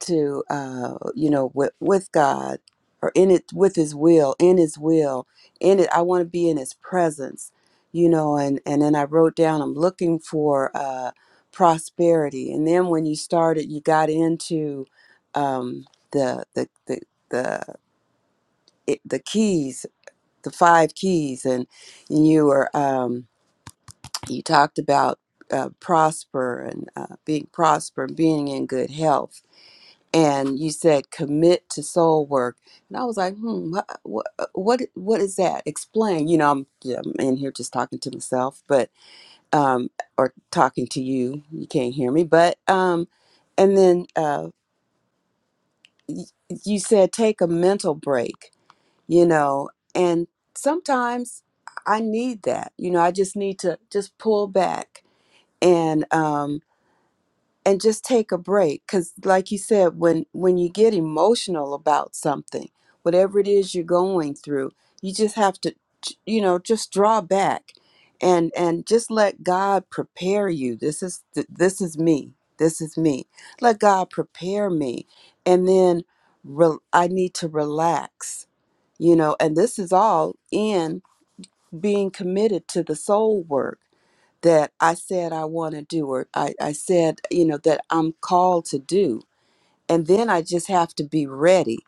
Speaker 4: to uh, you know with, with god or in it with his will in his will in it i want to be in his presence you know and and then i wrote down i'm looking for uh, prosperity and then when you started you got into um, the the the the, it, the keys the five keys and you were um, you talked about uh, prosper and uh, being prosper being in good health and you said commit to soul work and i was like hmm what what, what is that explain you know I'm, yeah, I'm in here just talking to myself but um or talking to you you can't hear me but um and then uh y- you said take a mental break you know and sometimes i need that you know i just need to just pull back and um and just take a break because like you said when when you get emotional about something whatever it is you're going through you just have to you know just draw back and and just let god prepare you this is th- this is me this is me let god prepare me and then re- i need to relax you know and this is all in being committed to the soul work that I said I want to do, or I, I said, you know, that I'm called to do. And then I just have to be ready.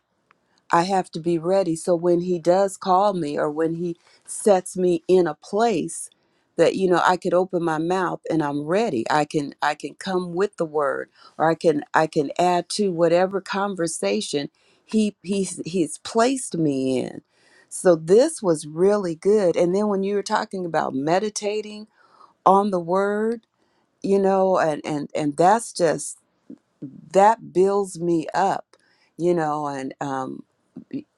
Speaker 4: I have to be ready. So when he does call me, or when he sets me in a place that you know I could open my mouth and I'm ready. I can I can come with the word, or I can I can add to whatever conversation he he's he's placed me in. So this was really good. And then when you were talking about meditating on the word you know and and and that's just that builds me up, you know, and um,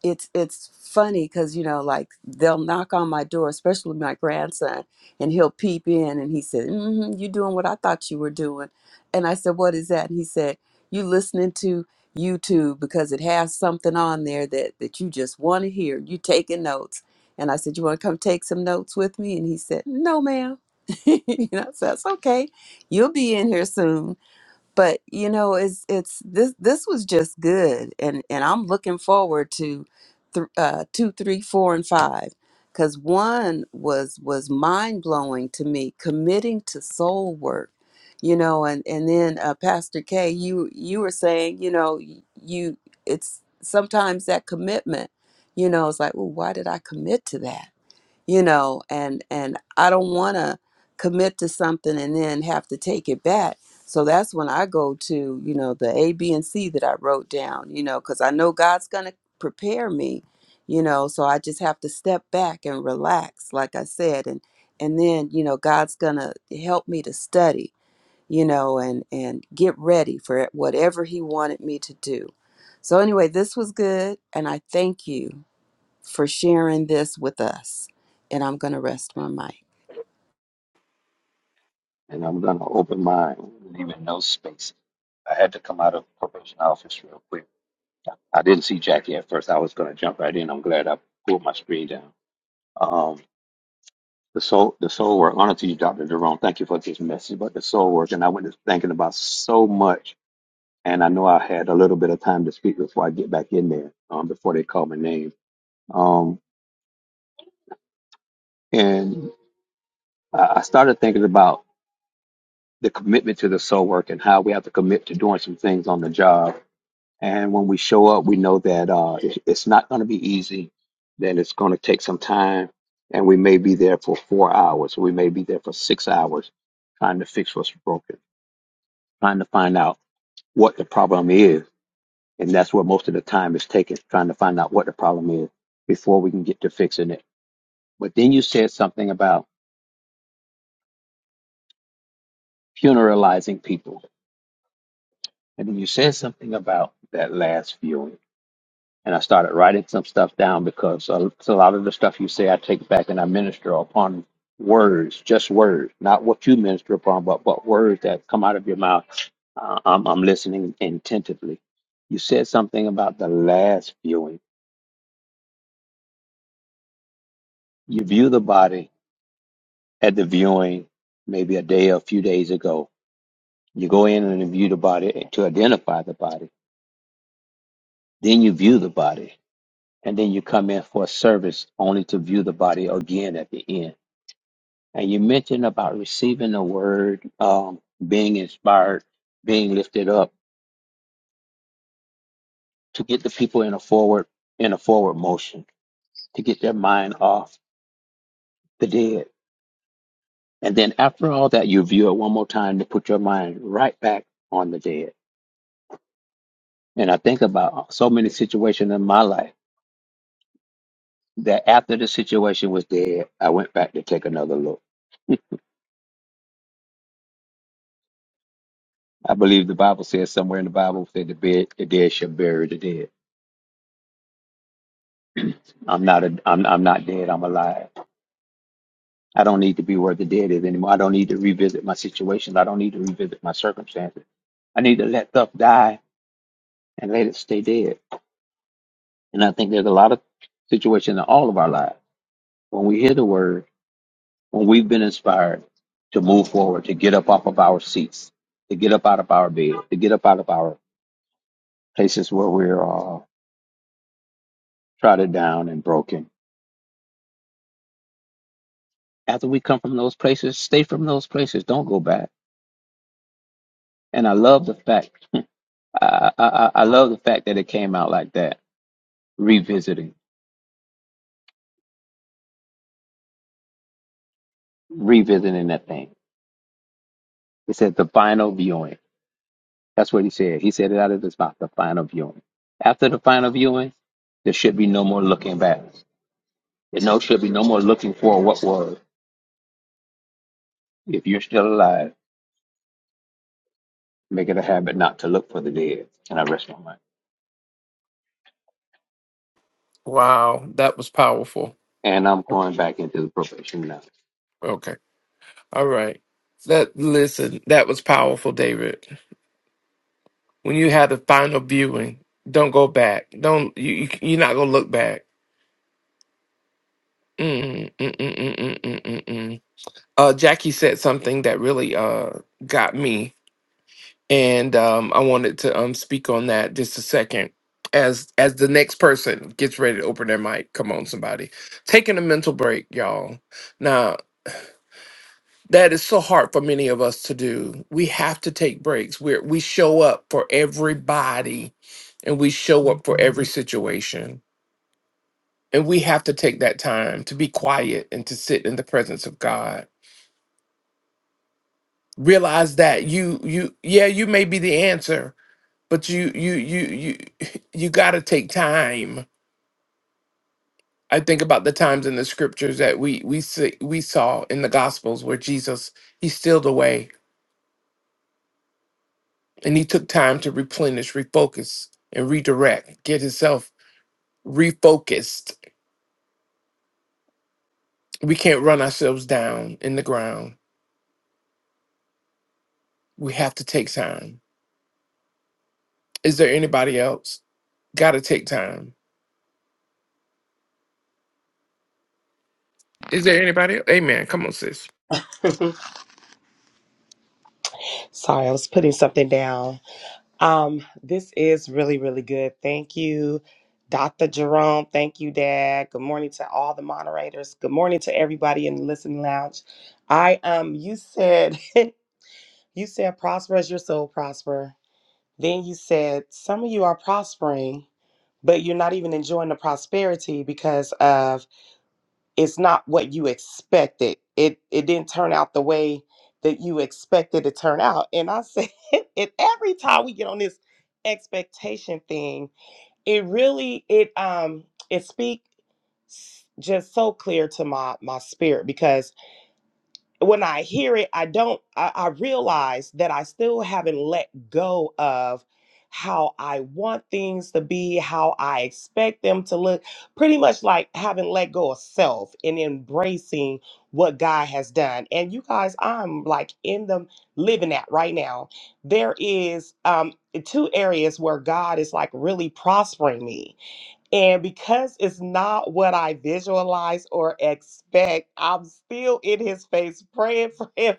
Speaker 4: it's it's funny because you know, like they'll knock on my door, especially my grandson, and he'll peep in, and he said, mm "You doing what I thought you were doing?" And I said, "What is that?" And he said, "You listening to." YouTube because it has something on there that that you just want to hear. You taking notes, and I said, "You want to come take some notes with me?" And he said, "No, ma'am." [laughs] you know, so that's okay. You'll be in here soon but you know it's it's this this was just good and and i'm looking forward to th- uh two three four and five because one was was mind-blowing to me committing to soul work you know and and then uh, pastor k you you were saying you know y- you it's sometimes that commitment you know it's like well why did i commit to that you know and and i don't want to commit to something and then have to take it back so that's when i go to you know the a b and c that i wrote down you know because i know god's going to prepare me you know so i just have to step back and relax like i said and and then you know god's going to help me to study you know and and get ready for whatever he wanted me to do so anyway this was good and i thank you for sharing this with us. And I'm going to rest my mic.
Speaker 2: and I'm gonna open mine, leaving no space. I had to come out of probation office real quick. I didn't see Jackie at first. I was gonna jump right in. I'm glad I pulled my screen down. Um, the soul, the soul work. Honor to you, Doctor Jerome. Thank you for this message about the soul work. And I went to thinking about so much, and I know I had a little bit of time to speak before I get back in there, um, before they call my name. Um, and I I started thinking about the commitment to the soul work and how we have to commit to doing some things on the job. And when we show up, we know that uh, it- it's not going to be easy, that it's going to take some time, and we may be there for four hours, or we may be there for six hours trying to fix what's broken, trying to find out what the problem is. And that's where most of the time is taken, trying to find out what the problem is before we can get to fixing it. But then you said something about funeralizing people. And then you said something about that last viewing and I started writing some stuff down because uh, so a lot of the stuff you say I take back and I minister upon words, just words, not what you minister upon, but but words that come out of your mouth. Uh, I'm I'm listening attentively. You said something about the last viewing. You view the body at the viewing maybe a day or a few days ago. You go in and you view the body to identify the body. Then you view the body. And then you come in for a service only to view the body again at the end And you mentioned about receiving the word, um, being inspired, being lifted up to get the people in a forward in a forward motion, to get their mind off the dead. And then after all that, you view it one more time to put your mind right back on the dead. And I think about so many situations in my life that after the situation was dead, I went back to take another look. I believe the Bible says somewhere in the Bible that the, bed, the dead shall bury the dead. I'm not a, I'm, I'm not dead. I'm alive. I don't need to be where the dead is anymore. I don't need to revisit my situations. I don't need to revisit my circumstances. I need to let stuff die and let it stay dead. And I think there's a lot of situations in all of our lives when we hear the word, when we've been inspired to move forward, to get up off of our seats, to get up out of our bed, to get up out of our places where we're uh, trodden down and broken. After we come from those places, stay from those places. Don't go back. And I love the fact. I, I I love the fact that it came out like that revisiting, revisiting that thing. It said the final viewing. That's what he said. He said it out of his mouth, the final viewing. After the final viewing, there should be no more looking back. There no should be no more looking for what was. If you're still alive, make it a habit not to look for the dead. And I rest my mind.
Speaker 1: Wow, that was powerful.
Speaker 2: And I'm going back into the probation now.
Speaker 1: Okay. All right. That listen, that was powerful, David. When you had the final viewing, don't go back. Don't you? you you're not gonna look back. Mm, mm, mm, mm, mm, mm, mm, mm. Uh, Jackie said something that really uh got me. and um, I wanted to um, speak on that just a second. As as the next person gets ready to open their mic, come on, somebody taking a mental break, y'all. Now that is so hard for many of us to do. We have to take breaks. We are we show up for everybody, and we show up for every situation, and we have to take that time to be quiet and to sit in the presence of God. Realize that you you yeah you may be the answer, but you you you you [laughs] you got to take time i think about the times in the scriptures that we we see, we saw in the gospels where jesus he stealed away and he took time to replenish refocus and redirect get himself refocused we can't run ourselves down in the ground we have to take time is there anybody else got to take time is there anybody else? amen come on sis
Speaker 5: [laughs] Sorry, I was putting something down. Um, this is really, really good. Thank you, Dr. Jerome. Thank you, Dad. Good morning to all the moderators. Good morning to everybody in the listening lounge. I um you said [laughs] you said prosper as your soul prosper. Then you said some of you are prospering, but you're not even enjoying the prosperity because of it's not what you expected. It it didn't turn out the way that you expected to turn out. And I said, [laughs] and every time we get on this expectation thing, it really it um it speaks just so clear to my my spirit because when I hear it, I don't, I, I realize that I still haven't let go of how I want things to be, how I expect them to look, pretty much like having let go of self and embracing what God has done. And you guys, I'm like in the living that right now. There is um two areas where God is like really prospering me and because it's not what I visualize or expect, I'm still in his face praying for him,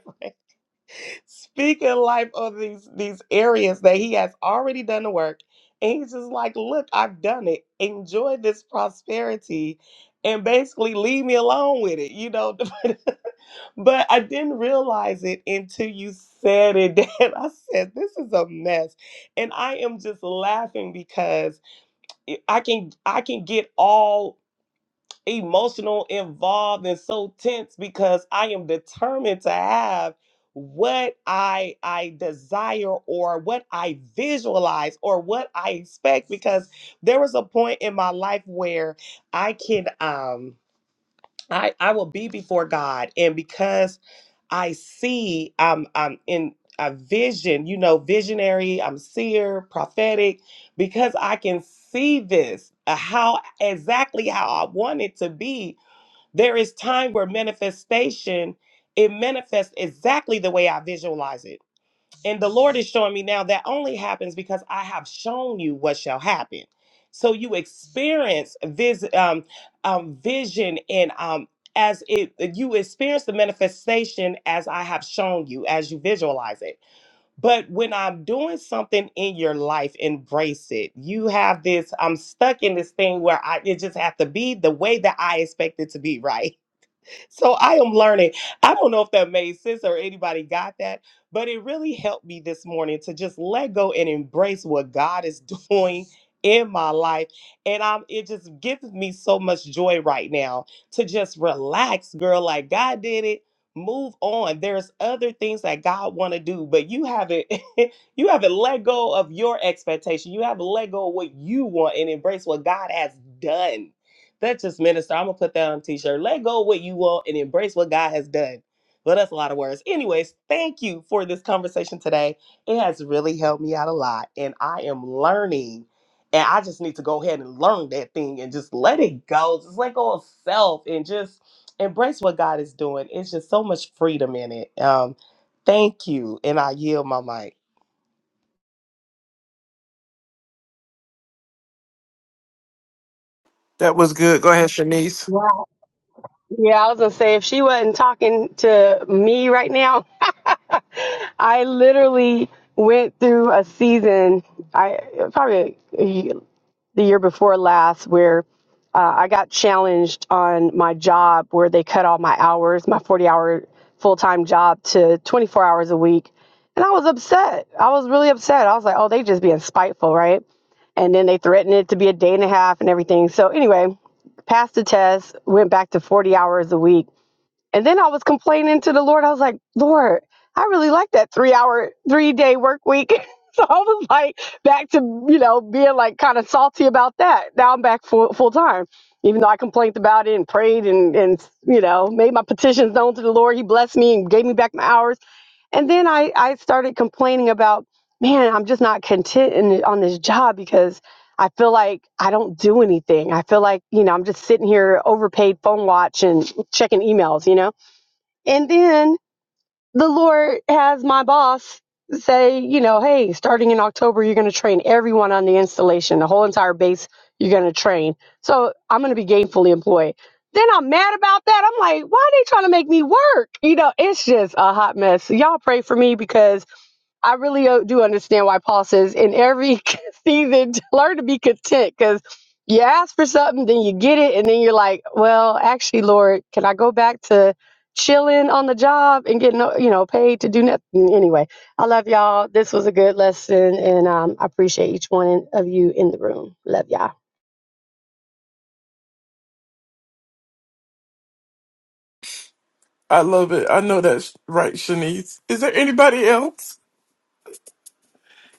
Speaker 5: [laughs] speaking life on these these areas that he has already done the work. And he's just like, look, I've done it. Enjoy this prosperity and basically leave me alone with it, you know. [laughs] but I didn't realize it until you said it. [laughs] Dan. I said, this is a mess. And I am just laughing because it- I can I can get all emotional, involved, and so tense because I am determined to have what I I desire or what I visualize or what I expect because there was a point in my life where I can um I I will be before God and because I see I'm I'm in a vision, you know, visionary, I'm seer, prophetic because I can see this uh, how exactly how I want it to be there is time where manifestation, it manifests exactly the way I visualize it. And the Lord is showing me now that only happens because I have shown you what shall happen. So you experience vis- um, um, vision and um, as it you experience the manifestation as I have shown you, as you visualize it. But when I'm doing something in your life, embrace it. You have this, I'm stuck in this thing where I it just have to be the way that I expect it to be, right? so I am learning. I don't know if that made sense or anybody got that, but it really helped me this morning to just let go and embrace what God is [laughs] doing in my life. And I'm it just gives me so much joy right now to just relax, girl. Like God did it. Move on. There's other things that God want to do, but you haven't [laughs] you haven't let go of your expectation. You haven't let go of what you want and embrace what God has done that's just minister. I'm gonna put that on a t-shirt. Let go of what you want and embrace what God has done. But that's a lot of words. Anyways, thank you for this conversation today. It has really helped me out a lot, and I am learning. And I just need to go ahead and learn that thing and just let it go. Just let go of self and just embrace what God is doing. It's just so much freedom in it. Um, thank you, and I yield my mic.
Speaker 1: that was good go ahead shanice
Speaker 6: Wow. Yeah, I was gonna say if she wasn't talking to me right now, [laughs] I literally went through a season, I probably the year before last, where uh, I got challenged on my job where they cut all my hours, my 40 hour full time job to 24 hours a week. And I was upset. I was really upset. I was like, oh, they just being spiteful, right? And then they threatened it to be a day and a half and everything. So, anyway, passed the test, went back to 40 hours a week and then I was complaining to the Lord. I was like, Lord, I really like that three hour, three day work week. [laughs] so I was like back to, you know, being like kind of salty about that. Now I'm back full, full time, even though I complained about it and prayed and, and, you know, made my petitions known to the Lord. He blessed me and gave me back my hours. And then I, I started complaining about, man, I'm just not content in, on this job because I feel like I don't do anything. I feel like, you know, I'm just sitting here overpaid phone watch and checking emails, you know? And then the Lord has my boss say, you know, hey, starting in October, you're going to train everyone on the installation, the whole entire base, you're going to train. So I'm going to be gainfully employed. Then I'm mad about that. I'm like, why are they trying to make me work? You know, it's just a hot mess. So y'all pray for me because I really uh, do understand why Paul says in every [laughs] season, [laughs] learn to be content because you ask for something, then you get it, and then you're like, well, actually, Lord, can I go back to chilling on the job and getting, uh, you know, paid to do nothing? Anyway, I love y'all. This was a good lesson, and um, I appreciate each one of you in the room. Love y'all.
Speaker 1: I love it. I know that's right, Shanice. Is there anybody else?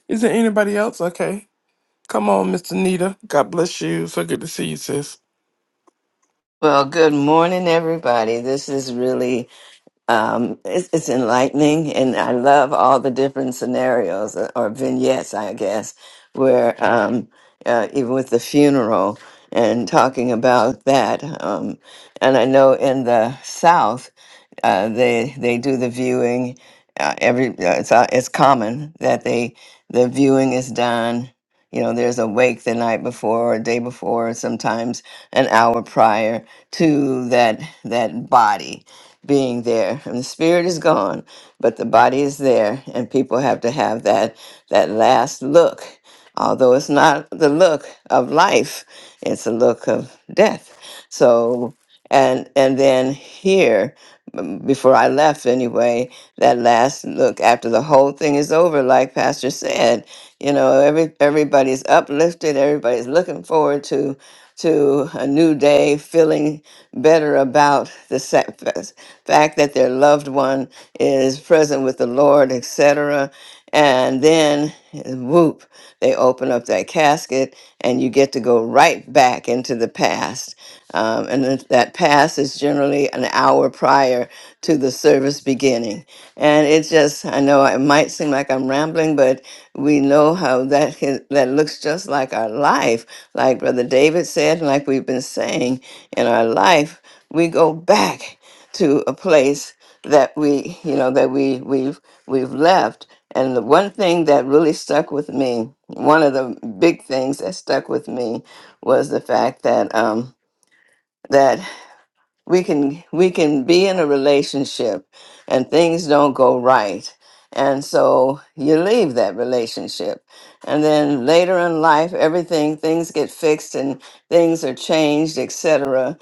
Speaker 1: Is there anybody else? Okay. Come on, Mr. Nita. God bless you. So good to see you, sis.
Speaker 7: Well, good morning, everybody. This is really um, it's, it's enlightening, and I love all the different scenarios uh, or vignettes, I guess, where um, uh, even with the funeral and talking about that. Um, and I know in the South, uh, they they do the viewing. Uh, every uh, it's uh, it's common that they the viewing is done. You know, there's a wake the night before, or day before, or sometimes an hour prior to that that body being there and the spirit is gone but the body is there and people have to have that that last look although it's not the look of life it's a look of death so and and then here m- before i left anyway that last look after the whole thing is over like pastor said you know every everybody's uplifted everybody's looking forward to to a new day, feeling better about the sa- fa- fact that their loved one is present with the Lord, etc. And then, whoop, they open up that casket, and you get to go right back into the past that passes generally an hour prior to the service beginning. And it just, I know it might seem like I'm rambling, but we know how that can- that looks just like our life. Like Brother David said, and like we've been saying in our life, we go back to a place that we, you know, that we we've we've left. And the one thing that really stuck with me, one of the big things that stuck with me was the fact that um, that we can we can be in a relationship and things don't go right and so you leave that relationship and then later in life everything things get fixed and things are changed etc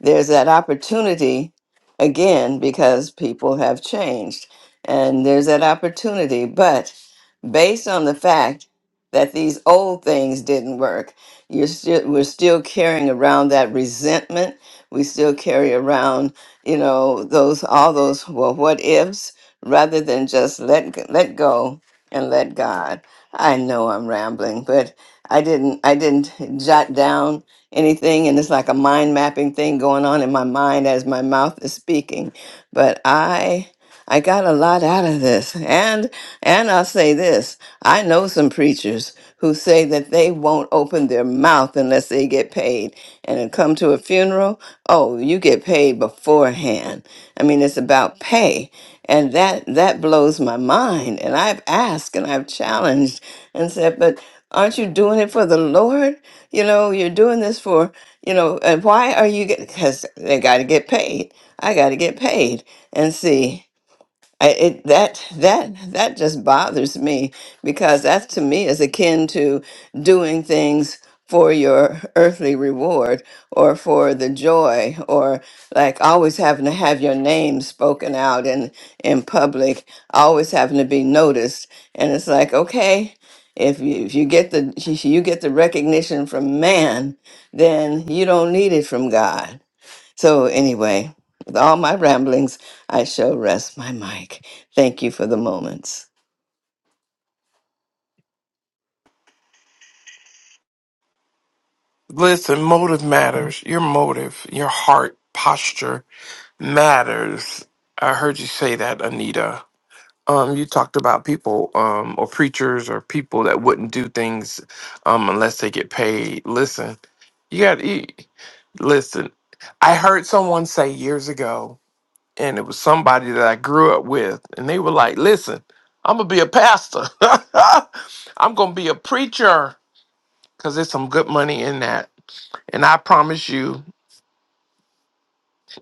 Speaker 7: there's that opportunity again because people have changed and there's that opportunity but based on the fact that these old things didn't work you're still we're still carrying around that resentment we still carry around you know those all those well what ifs rather than just let let go and let God. I know I'm rambling, but I didn't I didn't jot down anything and it's like a mind mapping thing going on in my mind as my mouth is speaking. But I I got a lot out of this. And and I'll say this. I know some preachers who say that they won't open their mouth unless they get paid. And then come to a funeral, oh, you get paid beforehand. I mean, it's about pay. And that that blows my mind. And I've asked and I've challenged and said, but aren't you doing it for the Lord? You know, you're doing this for, you know, and why are you get because they gotta get paid. I gotta get paid and see. I, it that that that just bothers me because that to me is akin to doing things for your earthly reward or for the joy or like always having to have your name spoken out in in public always having to be noticed and it's like okay if you if you get the [laughs] if you get the recognition from man then you don't need it from God so, anyway, with all my ramblings, I shall rest my mic. Thank you for the moments.
Speaker 1: Listen, motive matters. Your motive, your heart posture matters. I heard you say that, Anita. Um, you talked about people, um, or preachers or people that wouldn't do things um unless they get paid. Listen, you gotta eat. Listen, I heard someone say years ago. and it was somebody that I grew up with, and they were like, "Listen, I'm gonna be a pastor. [laughs] I'm gonna be a preacher because there's some good money in that." And I promise you,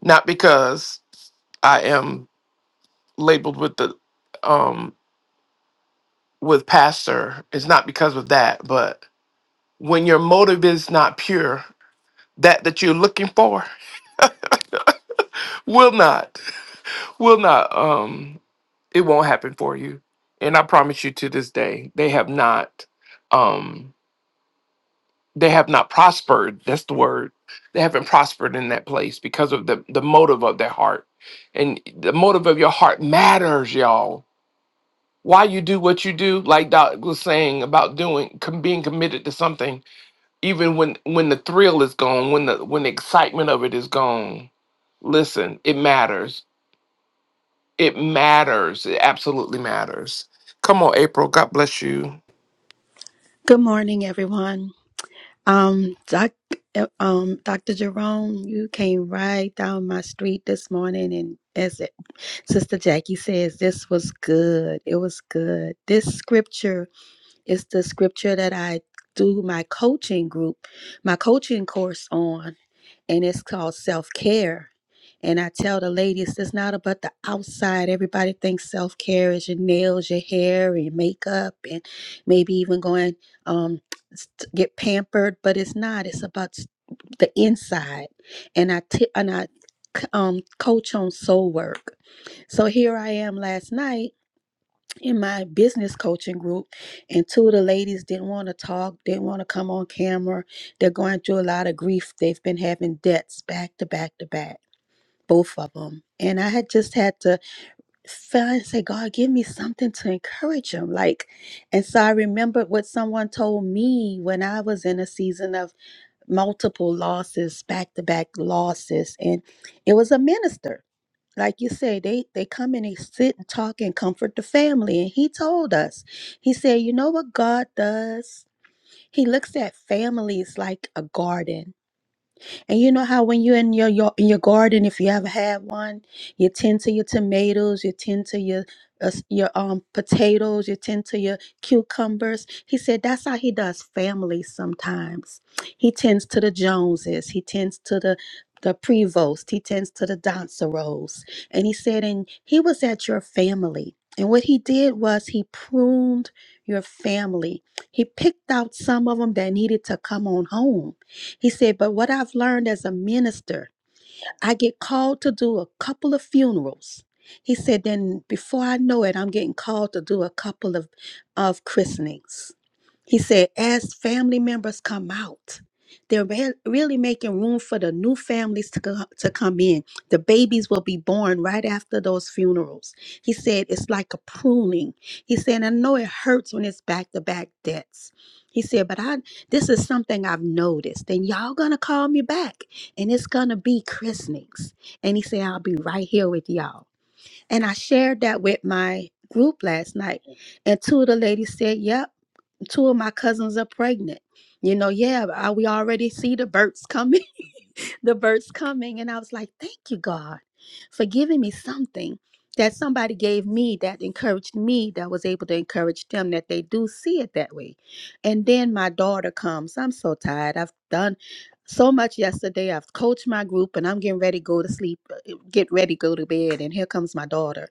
Speaker 1: not because I am labeled with the um with pastor, it's not because of that, but when your motive is not pure, that that you're looking for will not will not um it won't happen for you. And I promise you to this day, they have not. Um, they have not prospered that's the word they haven't prospered in that place because of the the motive of their heart and the motive of your heart matters y'all why you do what you do like doc was saying about doing com- being committed to something even when when the thrill is gone when the when the excitement of it is gone listen it matters it matters it absolutely matters come on april god bless you
Speaker 8: Good morning, everyone. Um, doc, uh, um, Dr. Jerome, you came right down my street this morning, and as it, Sister Jackie says, this was good. It was good. This scripture is the scripture that I do my coaching group, my coaching course on and it's called self care. And I tell the ladies, it's not about the outside. Everybody thinks self care is your nails, your hair, and your makeup, and maybe even going um, s- to get pampered. But it's not. It's about s- the inside. And I t- and I c- um, coach on soul work. So here I am last night in my business coaching group and two of the ladies didn't want to talk didn't want to come on camera they're going through a lot of grief they've been having debts back to back to back both of them and i had just had to find say god give me something to encourage them like and so i remembered what someone told me when i was in a season of multiple losses back to back losses and it was a minister like you say, they they come and they sit and talk and comfort the family. And he told us, he said, you know what God does? He looks at families like a garden and you know how when you're in your, your in your garden, if you ever had one, you tend to your tomatoes, you tend to your uh, s- your um potatoes, you tend to your cucumbers. He said that's how he does families sometimes. He tends to the Joneses, he tends to the the prevost, he tends to the Donceros. And he said, and he was at your family. And what he did was he pruned your family. He picked out some of them that needed to come on home he said, But what I've learned as a minister, I get called to do a couple of funerals. He said, Then before I know it, I'm getting called to do a couple of, of christenings. He said, as family members come out, they're re- really making room for the new families to, co- to come in. The babies will be born right after those funerals. He said, it's like a pruning. He said, I know it hurts when it's back to back debts. He said, but I this is something I've noticed, and y'all gonna call me back, and it's gonna be christenings. And he said, I'll be right here with y'all. And I shared that with my group last night, and two of the ladies said, "Yep." two of my cousins are pregnant. You know, yeah, I, we already see the births coming, [laughs] the births coming. And I was like, thank you, God, for giving me something that somebody gave me that encouraged me, that was able to encourage them that they do see it that way. And then my daughter comes. I'm so tired. I've done so much yesterday. I've coached my group and I'm getting ready to go to sleep, uh, get ready to go to bed. And here comes my daughter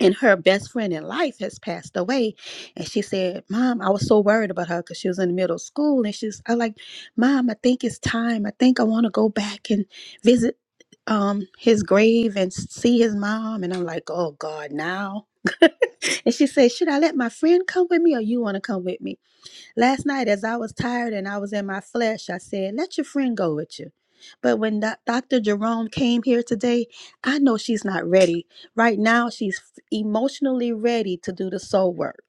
Speaker 8: and her best friend in life has passed away and she said mom i was so worried about her because she was in middle school and she's i like mom i think it's time i think i want to go back and visit um his grave and see his mom and i'm like oh god now [laughs] and she said should i let my friend come with me or you want to come with me Last night, as I was tired and I was in my flesh, I said, Let your friend go with you. But when doc- Dr. Jerome came here today, I know she's not ready. Right now, she's emotionally ready to do the soul work.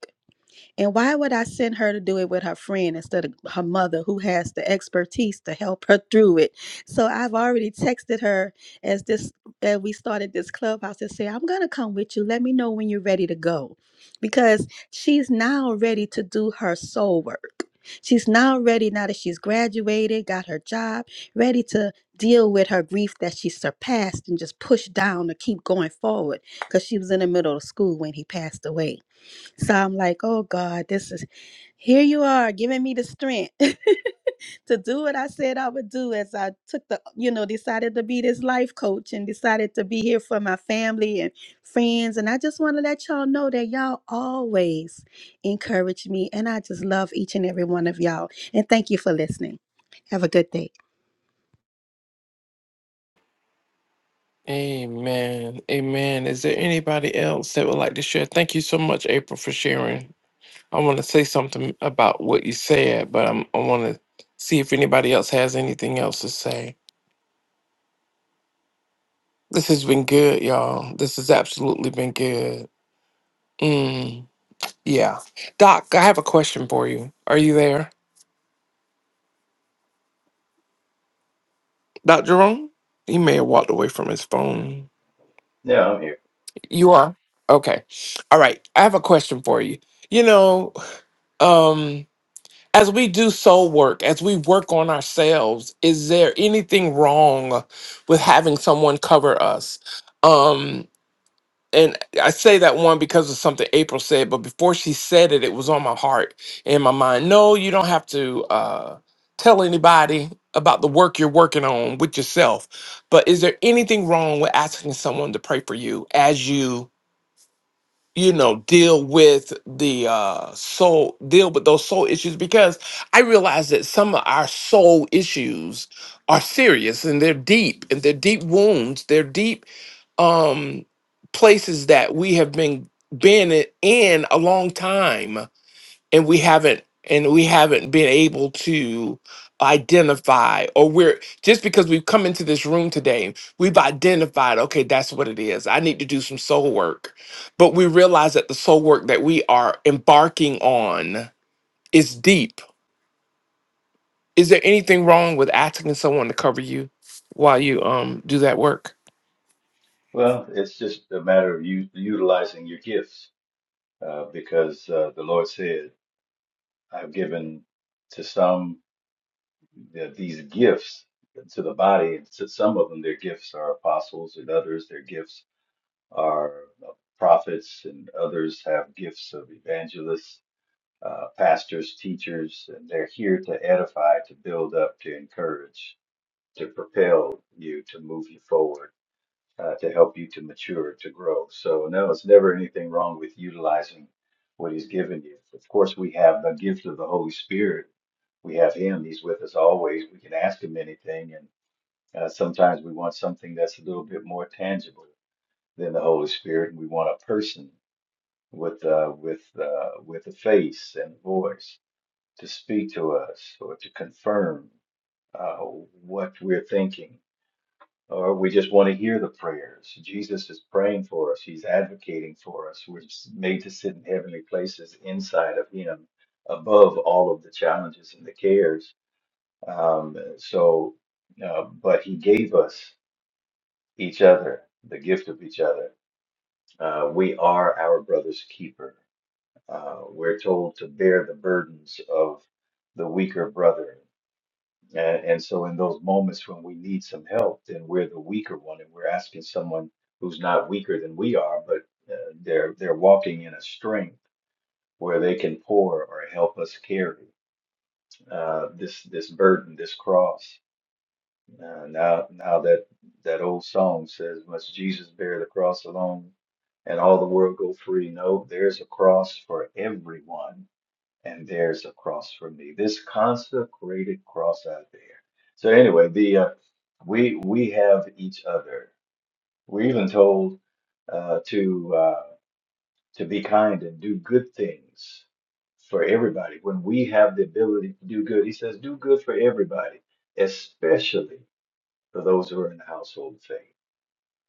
Speaker 8: And why would I send her to do it with her friend instead of her mother who has the expertise to help her through it? So I've already texted her as this as we started this clubhouse and say, I'm gonna come with you. Let me know when you're ready to go. Because she's now ready to do her soul work. She's now ready, now that she's graduated, got her job, ready to deal with her grief that she surpassed and just push down to keep going forward because she was in the middle of school when he passed away. So I'm like, oh God, this is here you are giving me the strength [laughs] to do what I said I would do as I took the, you know, decided to be this life coach and decided to be here for my family and friends. And I just want to let y'all know that y'all always encourage me. And I just love each and every one of y'all. And thank you for listening. Have a good day.
Speaker 1: Amen. Amen. Is there anybody else that would like to share? Thank you so much, April, for sharing. I want to say something about what you said, but I'm, I want to see if anybody else has anything else to say. This has been good, y'all. This has absolutely been good. Mm, yeah. Doc, I have a question for you. Are you there? Doc Jerome? He may have walked away from his phone.
Speaker 3: Yeah, I'm here.
Speaker 1: You are? Okay. All right. I have a question for you. You know, um, as we do soul work, as we work on ourselves, is there anything wrong with having someone cover us? Um, and I say that one because of something April said, but before she said it, it was on my heart and my mind. No, you don't have to uh, tell anybody about the work you're working on with yourself. But is there anything wrong with asking someone to pray for you as you? you know deal with the uh soul deal with those soul issues because i realize that some of our soul issues are serious and they're deep and they're deep wounds they're deep um places that we have been been in a long time and we haven't and we haven't been able to identify or we're just because we've come into this room today we've identified okay that's what it is i need to do some soul work but we realize that the soul work that we are embarking on is deep is there anything wrong with asking someone to cover you while you um do that work
Speaker 3: Well, it's just a matter of you utilizing your gifts. uh, because uh, the Lord said, I've given to some the, these gifts to the body. to some of them, their gifts are apostles, and others, their gifts are uh, prophets, and others have gifts of evangelists, uh, pastors, teachers, and they're here to edify, to build up, to encourage, to propel you to move you forward uh, to help you to mature, to grow. So, no, it's never anything wrong with utilizing what He's given you. Of course, we have the gift of the Holy Spirit. We have Him. He's with us always. We can ask Him anything. And uh, sometimes we want something that's a little bit more tangible than the Holy Spirit. And we want a person with, uh, with, uh, with a face and voice to speak to us or to confirm uh, what we're thinking or we just want to hear the prayers. Jesus is praying for us. He's advocating for us. We're made to sit in heavenly places inside of Him, above all of the challenges and the cares. Um, so, uh, but He gave us each other, the gift of each other. Uh, we are our brother's keeper. Uh, we're told to bear the burdens of the weaker brother and, and so, in those moments when we need some help, then we're the weaker one, and we're asking someone who's not weaker than we are, but uh, they're they're walking in a strength where they can pour or help us carry uh, this this burden, this cross. Uh, now, now that that old song says, "Must Jesus bear the cross alone, and all the world go free?" No, there's a cross for everyone and there's a cross for me. This consecrated cross out there. So anyway, the uh, we we have each other. We're even told uh, to uh, to be kind and do good things for everybody. When we have the ability to do good, he says, do good for everybody, especially for those who are in the household of faith,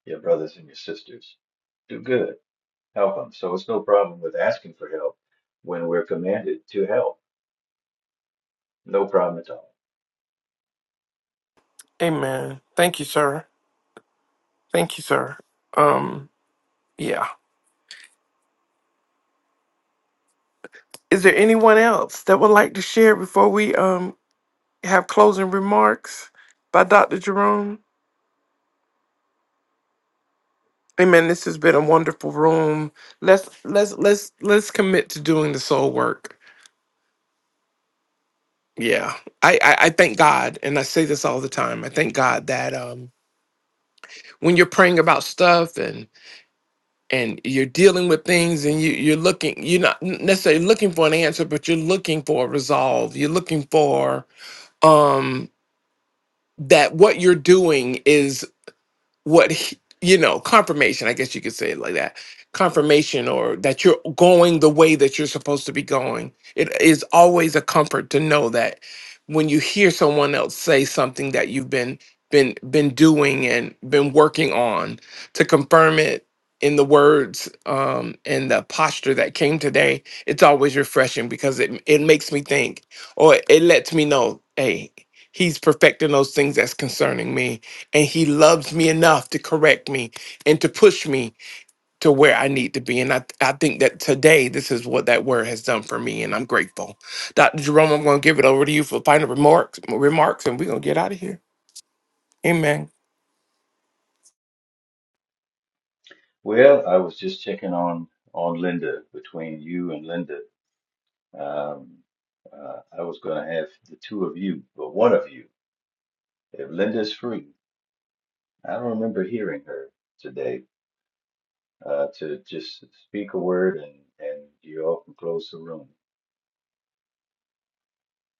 Speaker 3: your brothers and your sisters. Do good, help them. So it's no problem with asking for help when we're commanded to help. No problem at all.
Speaker 1: amen thank you sir thank you sir um yeah is there anyone else that would like to share before we um have closing remarks by Dr. Jerome? Amen. This has been a wonderful room. Let's let's let's let's commit to doing the soul work. Yeah. I, I I thank God and I say this all the time. I thank God that um when you're praying about stuff and and you're dealing with things and you you're looking you're not necessarily looking for an answer, but you're looking for a resolve. You're looking for um that what you're doing what he- you know confirmation i guess you could say it like that confirmation or that you're going the way that you're supposed to be going it is always a comfort to know that when you hear someone else say something that you've been been been doing and been working on to confirm it in the words um and the posture that came today it's always refreshing because it it makes me think or it lets me know hey he's perfecting those things that's concerning me and he loves me enough to correct me and to push me to where I need to be. And I, I think that today this is what that word has done for me, and I'm grateful. Dr. Jerome, I'm going to give it over to you for final remarks, remarks, and we're going to get out of here. Amen.
Speaker 3: Well, I was on on Linda. Um, uh, I was going to have two of you, but one of you, if Linda's free. I don't remember hearing her today. Uh, to just speak a word and and you all can close the room.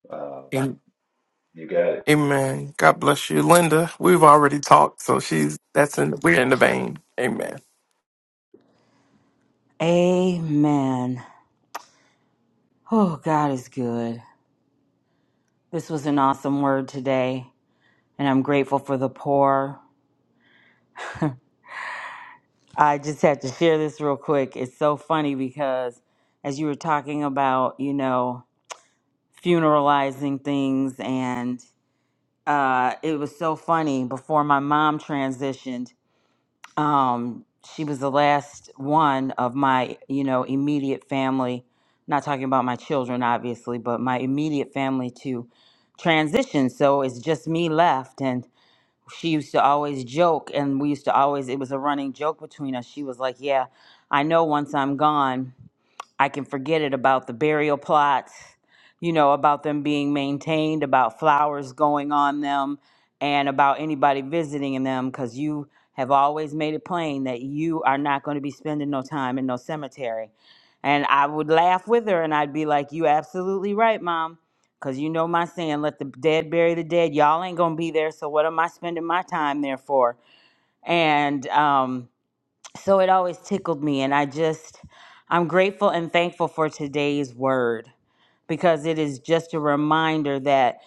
Speaker 3: Um,
Speaker 1: And
Speaker 3: you guys.
Speaker 1: amen. God bless you, Linda. We've already talked, so she's that's in we're in the vein. Amen.
Speaker 9: Amen. Oh, God is good. This was an awesome word today, and I'm grateful for the poor. I just had to share this real quick. It's so funny because as you were talking about, you know, funeralizing things, and uh, it was so funny before my mom transitioned. um, she was the last one of my you know immediate family not talking about my children obviously but my immediate family to transition so it's just me left and she used to always joke and we used to always it was a running joke between us she was like yeah i know once i'm gone I can forget it about the burial plots, you know, about them being maintained, about flowers going on them, and about anybody visiting in them because you have always made it plain that you are not going to be spending no time in no cemetery. And I would laugh with her and I'd be like, You absolutely right, mom. Because you know my saying, let the dead bury the dead. Y'all ain't going to be there. So what am I spending my time there for? And, um, so it always tickled me. And I just, I'm grateful and thankful for today's word because it is just a reminder that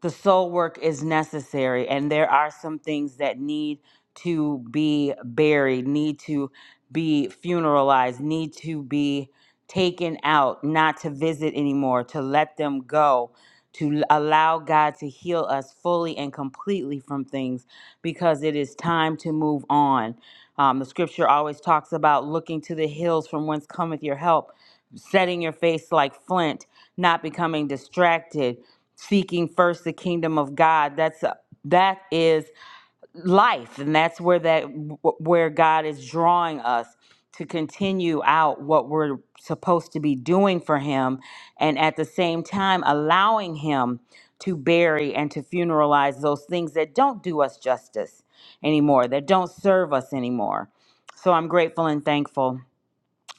Speaker 9: the soul work is necessary and there are some things that need to be buried, need to be funeralized, need to be taken out, not to visit anymore, to let them go to l- allow God to heal us fully and completely from things because it is time to move on. Um, the scripture always talks about looking to the hills from whence cometh your help, setting your face like flint, not becoming distracted, seeking first the kingdom of God. That's a, that is life and that's where that where god is drawing us to continue out what we're supposed to be doing for him and at the same time allowing him to bury and to funeralize those things that don't do us justice anymore that don't serve us anymore so i'm grateful and thankful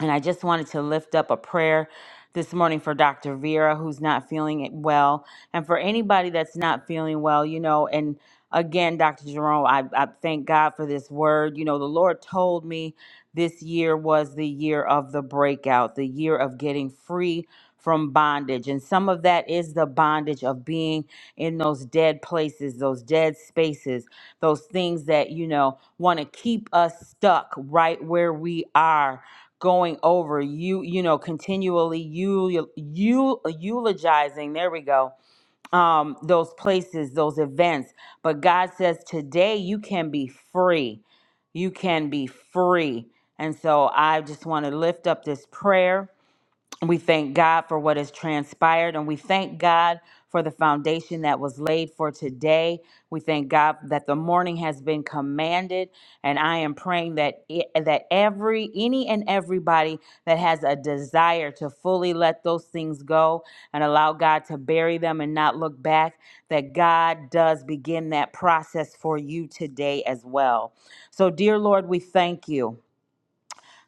Speaker 9: and I just wanted to lift up a prayer this morning for Dr. Vera, who's not feeling it well, and for anybody that's not feeling well, you know. And again, Dr. Jerome, I, I thank God for this word. You know, the Lord told me this year was the year of the breakout, the year of getting free from bondage. And some of that is the bondage of being in those dead places, those dead spaces, those things that, you know, want to keep us stuck right where we are going over you you know continually you you eulogizing there we go um those places those events but god says today you can be free you can be free and so i just want to lift up this prayer we thank God for what has transpired and we thank God for the foundation that was laid for today. We thank God that the morning has been commanded and I am praying that it, that every any and everybody that has a desire to fully let those things go and allow God to bury them and not look back that God does begin that process for you today as well. So dear Lord, we thank you.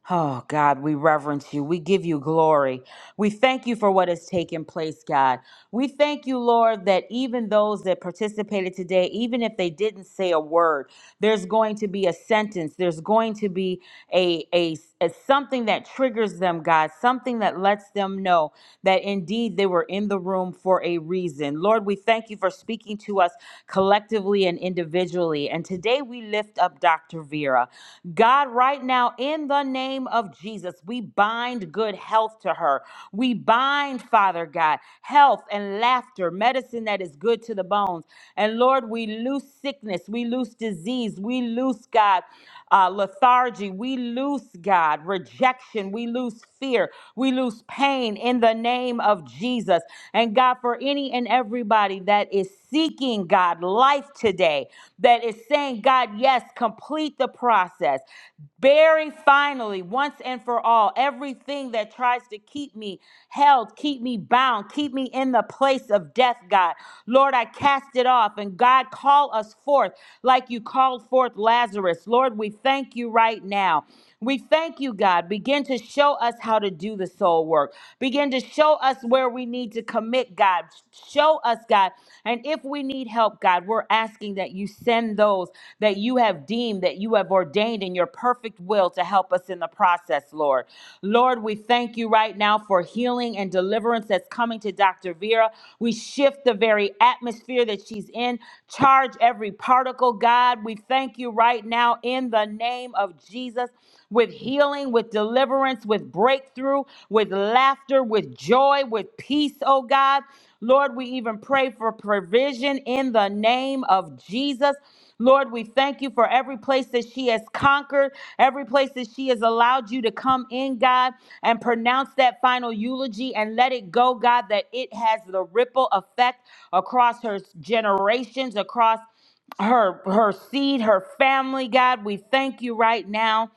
Speaker 9: Oh, God, we reverence you. We give you glory. We thank you for what has taken place, God. We thank you, Lord, that even those that participated today, even if they didn't say a word, there's going to be a sentence there's going to be a, a, a something that triggers them god something that lets them know that indeed they were in the room for a reason lord we thank you for speaking to us collectively and individually and today we lift up dr vera god right now in the name of jesus we bind good health to her we bind father god health and and laughter, medicine that is good to the bones. And Lord, we loose sickness, we loose disease, we loose, God, uh, lethargy, we loose, God, rejection, we loose fear, we loose pain in the name of Jesus. And God, for any and everybody that is seeking, God, life today, that is saying, God, yes, complete the process. Bury finally, once once and for all everything that tries to keep me held, keep me bound, keep me in the place of death, God. Lord, I cast it off. And God, call us forth like you called forth Lazarus. Lord, we thank you right now. We thank you, God. Begin to show us how to do the soul work. Begin to show us where we need to commit, God. Show us, God. And if we need help, God, we're asking that you that you send those that you have deemed, that you have ordained in your perfect will to help us in the process, Lord. Lord, we thank you right now for healing and deliverance that's coming to Dr. Vera. We shift the very atmosphere that she's in, charge every particle, God. We thank you right now in the name of Jesus with healing, with deliverance, with breakthrough, with laughter, with joy, with peace, oh God. Lord, we even pray for provision in the name of Jesus. Lord, we thank you for every place that she has conquered, every place that she has allowed you to come in, God, and pronounce that final eulogy and let it go, God, that it has the ripple effect across her generations, across her her seed, her family, God. We thank you right now.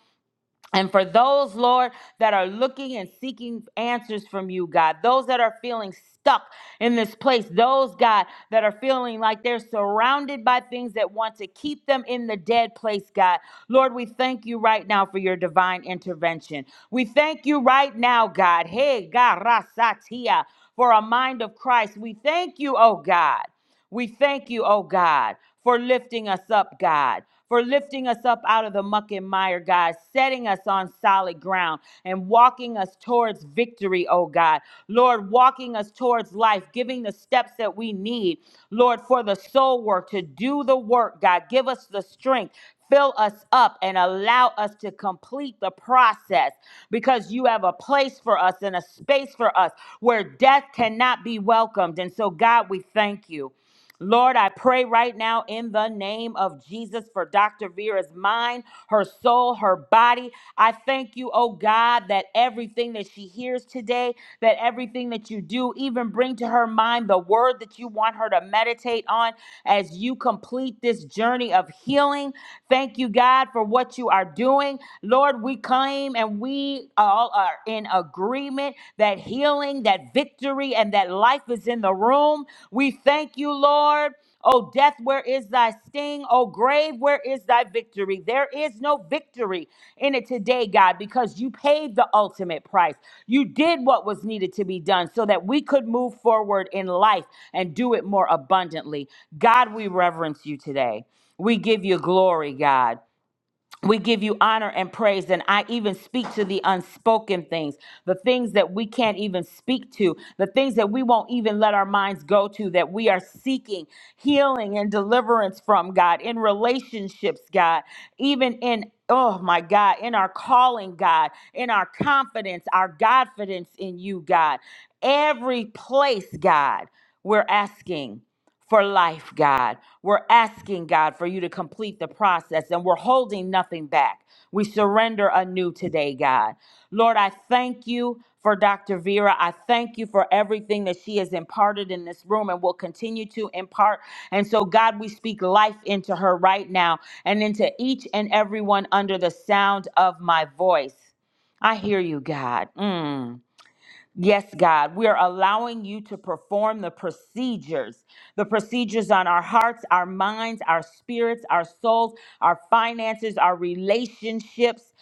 Speaker 9: And for those, Lord, that are looking and seeking answers from you, God, those that are feeling stuck in this place, those, God, that are feeling like they're surrounded by things that want to keep them in the dead place, God, Lord, we thank you right now for your divine intervention. We thank you right now, God, hey, God, rasatia, for a mind of Christ. We thank you, oh God. We thank you, oh God, for lifting us up, God, for lifting us up out of the muck and mire, God, setting us on solid ground and walking us towards victory, oh God. Lord, walking us towards life, giving the steps that we need, Lord, for the soul work to do the work, God. Give us the strength. Fill us up and allow us to complete the process because you have a place for us and a space for us where death cannot be welcomed. And so, God, we thank you. Lord, I pray right now in the name of Jesus for Dr. Vera's mind, her soul, her body. I thank you, oh God, that everything that she hears today, that everything that you do, even bring to her mind the word that you want her to meditate on as you complete this journey of healing. Thank you, God, for what you are doing. Lord, we claim and we all are in agreement agreement that healing, that victory, and that life is in the room. We thank you, Lord. Oh, death, where is thy sting? Oh, grave, where is thy victory? There is no victory in it today, God, because you paid the ultimate price. You did what was needed to be done so that we could move forward in life and do it more abundantly. God, we reverence you today. We give you glory, God we give you honor and praise. And I even speak to the unspoken things, the things that we can't even speak to, the things that we won't even let our minds go to, that we are seeking healing and deliverance from, God, in relationships, God, even in. Oh my God, in our calling, God, in our confidence, our confidence in you, God. Every place, God, we're asking for life, God. We're asking, God, for you to complete the process and we're holding nothing back. We surrender anew today, God. Lord, I thank you for Dr. Vera. I thank you for everything that she has imparted in this room and will continue to impart. And so, God, we speak life into her right now and into each and everyone under the sound of my voice. I hear you, God. Mm. Yes, God, we are allowing you to perform the procedures, the procedures on our hearts, our minds, our spirits, our souls, our finances, our relationships.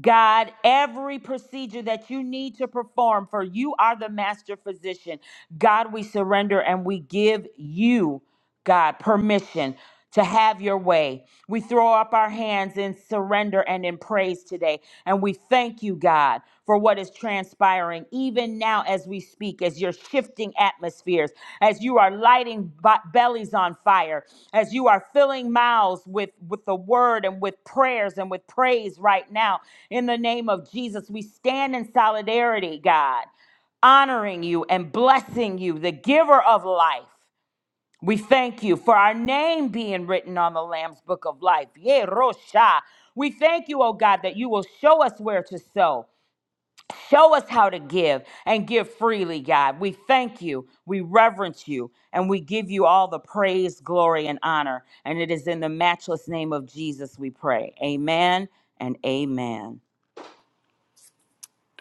Speaker 9: God, every procedure that you need to perform, for you are the master physician. God, we surrender and we give you. God, permission to have your way. We throw up our hands in surrender and in praise today. And we thank you, God, for what is transpiring, even now as we speak, as you're shifting atmospheres, as you are lighting b- bellies on fire, as you are filling mouths with, with the word and with prayers and with praise right now. In the name of Jesus, we stand in solidarity, God honoring you and blessing you, the giver of life. We thank you for our name being written on the Lamb's Book of Life. Yeah, Rosha. We thank you, oh God, that you will show us where to sow, show us how to give, and give freely, God. We thank you, we reverence you, and we give you all the praise, glory, and honor. And it is in the matchless name of Jesus we pray. Amen and amen.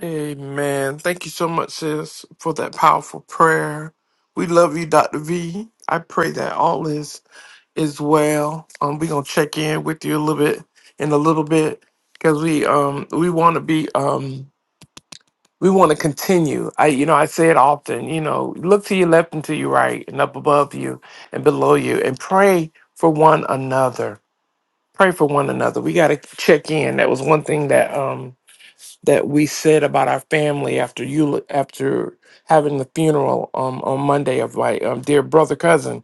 Speaker 1: Amen. Thank you so much, sis, for that powerful prayer. We love you, Dr. V. I pray that all is as well. Um, we're gonna check in with you a little bit in a little bit because we um we want to be um we want to continue. I you know I say it often. You know, look to your left and to your right, and up above you and below you, and pray for one another. Pray for one another. We got to check in. That was one thing that um that we said about our family after you after having the funeral um on Monday of my um, dear brother cousin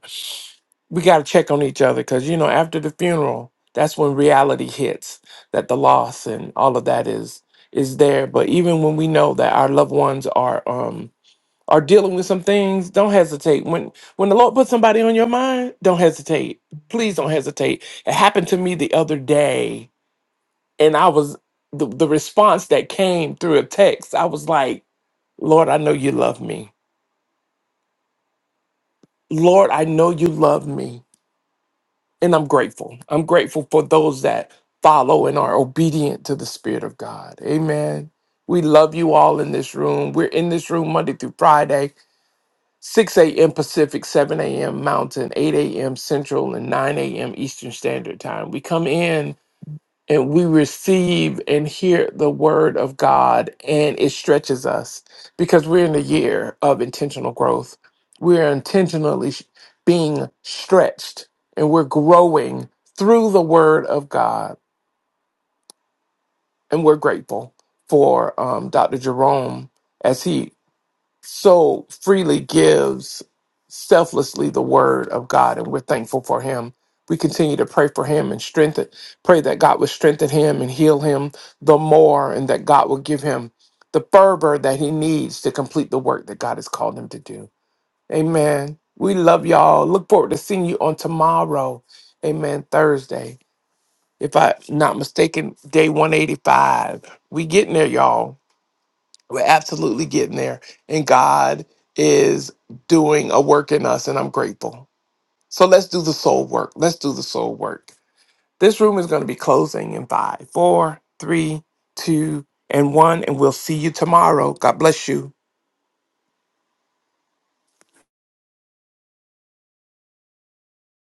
Speaker 1: we got to check on each other because you know after the funeral that's when reality hits that the loss and all of that is is there but even when we know that our loved ones are um are dealing with some things don't hesitate when when the lord puts somebody on your mind don't hesitate please don't hesitate it happened to me the other day and i was the, the response that came through a text i was like lord i know you love me lord i know you love me And I'm grateful. I'm grateful for those that follow and are obedient to the Spirit of God. Amen. We love you all in this room. We're in this room Monday through Friday, 6 a.m. Pacific, 7 a.m. Mountain, 8 a.m. Central, and 9 a.m. Eastern Standard Time. We come in and we receive and hear the word of God and it stretches us because we're in a year of intentional growth. We're intentionally sh- being stretched and we're growing through the word of God. And we're grateful for um, Dr. Jerome as he so freely gives selflessly the word of God, and we're thankful for him. We continue to pray for him and strengthen, pray that God would strengthen him and heal him the more, and that God will give him the fervor that he needs to complete the work that God has called him to do. Amen. We love y'all. Look forward to seeing you on tomorrow. Amen. Thursday. If I'm not mistaken, day 185. We getting there, y'all. We're absolutely getting there. And God is doing a work in us, and I'm grateful. So let's do the soul work. Let's do the soul work. This room is going to be closing in five, four, three, two, and one. And we'll see you tomorrow. God bless you.